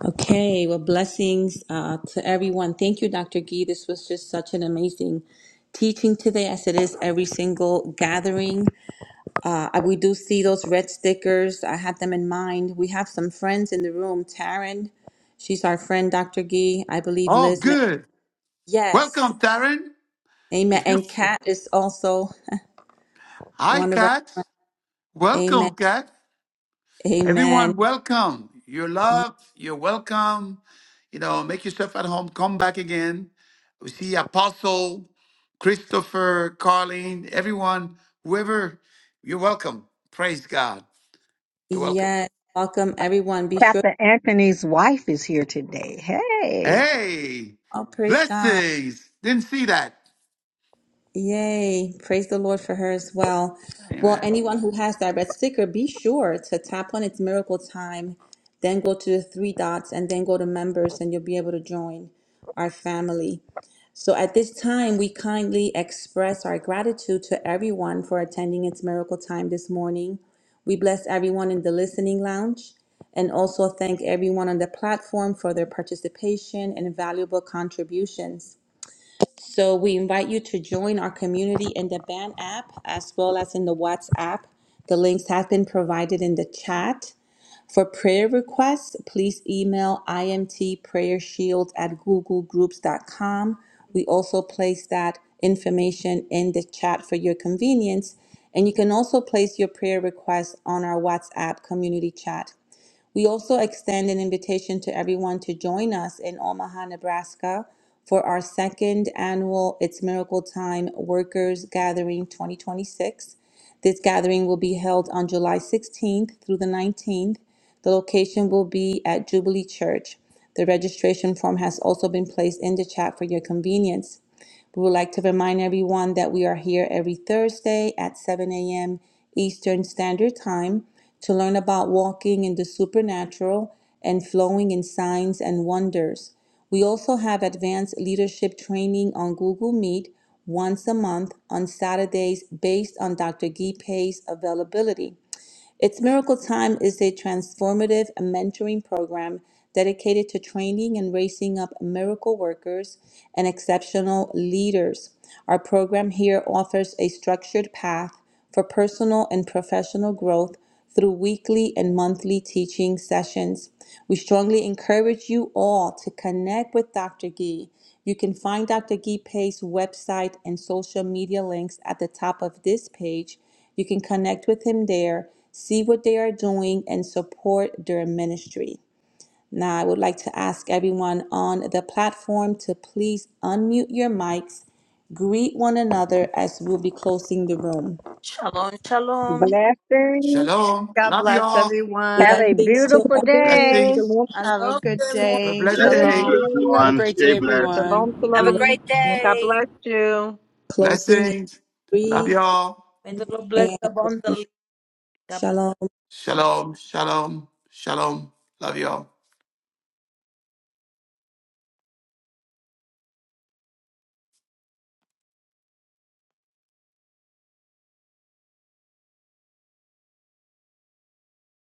Okay, well, blessings uh, to everyone. Thank you, Dr. Gee. This was just such an amazing teaching today, as it is every single gathering. Uh, I- we do see those red stickers. I had them in mind. We have some friends in the room. Taryn, she's our friend, Dr. Gee. I believe
Oh,
Liz. May-
good.
yes,
Welcome, Taryn.
amen.
If you,
And Kat is also
hi,
one of our.
Kat.
Amen.
Welcome, Kat.
Amen.
Everyone, welcome. You're
Y-
loved. You're welcome. You know, make yourself at home. Come back again. We see Apostle, Christopher, Carleen, everyone, whoever, you're welcome. Praise God. You're welcome.
Yes. Welcome, everyone. Be sure.
Captain Anthony's wife is here today. Hey,
Hey,
Oh, praise God.
blessings. Didn't see that.
Yay. Praise the Lord for her as well. Well,
Amen.
anyone who has that red sticker, be sure to tap on its miracle time, then go to the three dots, and then go to members, and you'll be able to join our family. So at this time, we kindly express our gratitude to everyone for attending its miracle time this morning. We bless everyone in the listening lounge and also thank everyone on the platform for their participation and valuable contributions. So we invite you to join our community in the Band app as well as in the WhatsApp. The links have been provided in the chat. For prayer requests, please email imtprayershield at google groups dot com. We also place that information in the chat for your convenience. And you can also place your prayer requests on our WhatsApp community chat we also extend an invitation to everyone to join us in Omaha, Nebraska for our second annual It's Miracle Time Workers Gathering 2026. This gathering will be held on July 16th through the 19th. The location will be at Jubilee Church. The registration form has also been placed in the chat for your convenience. We would like to remind everyone that we are here every Thursday at 7 a.m. Eastern Standard Time to learn about walking in the supernatural and flowing in signs and wonders. We also have advanced leadership training on Google Meet once a month on Saturdays based on Dr. Gee availability. Its Miracle Time is a transformative mentoring program dedicated to training and raising up miracle workers and exceptional leaders. Our program here offers a structured path for personal and professional growth through weekly and monthly teaching sessions. We strongly encourage you all to connect with Dr. Gee. You can find Dr. Gee Pei's website and social media links at the top of this page you can connect with him there, see what they are doing, and support their ministry. Now, I would like to ask everyone on the platform to please unmute your mics, greet one another as we'll be closing the room.
Shalom, shalom.
blessings.
Shalom.
God
Love
bless
y'all.
Have a
everyone.
Blessings to
beautiful day.
Blessings.
I
Have a
love
good
you, everyone.
Have a
day.
blessed
Love
Blessings
day.
Shalom.
to
you.
Have a
everyone.
great
Stay
day,
blessed.
everyone.
Shalom,
have a
all.
shalom.
great
God
day
bless you.
Closing in
Blessings. Love
three
y'all.
May the Lord bless
and one.
abundantly. God bless.
shalom.
Shalom. Shalom. Shalom. Love y'all.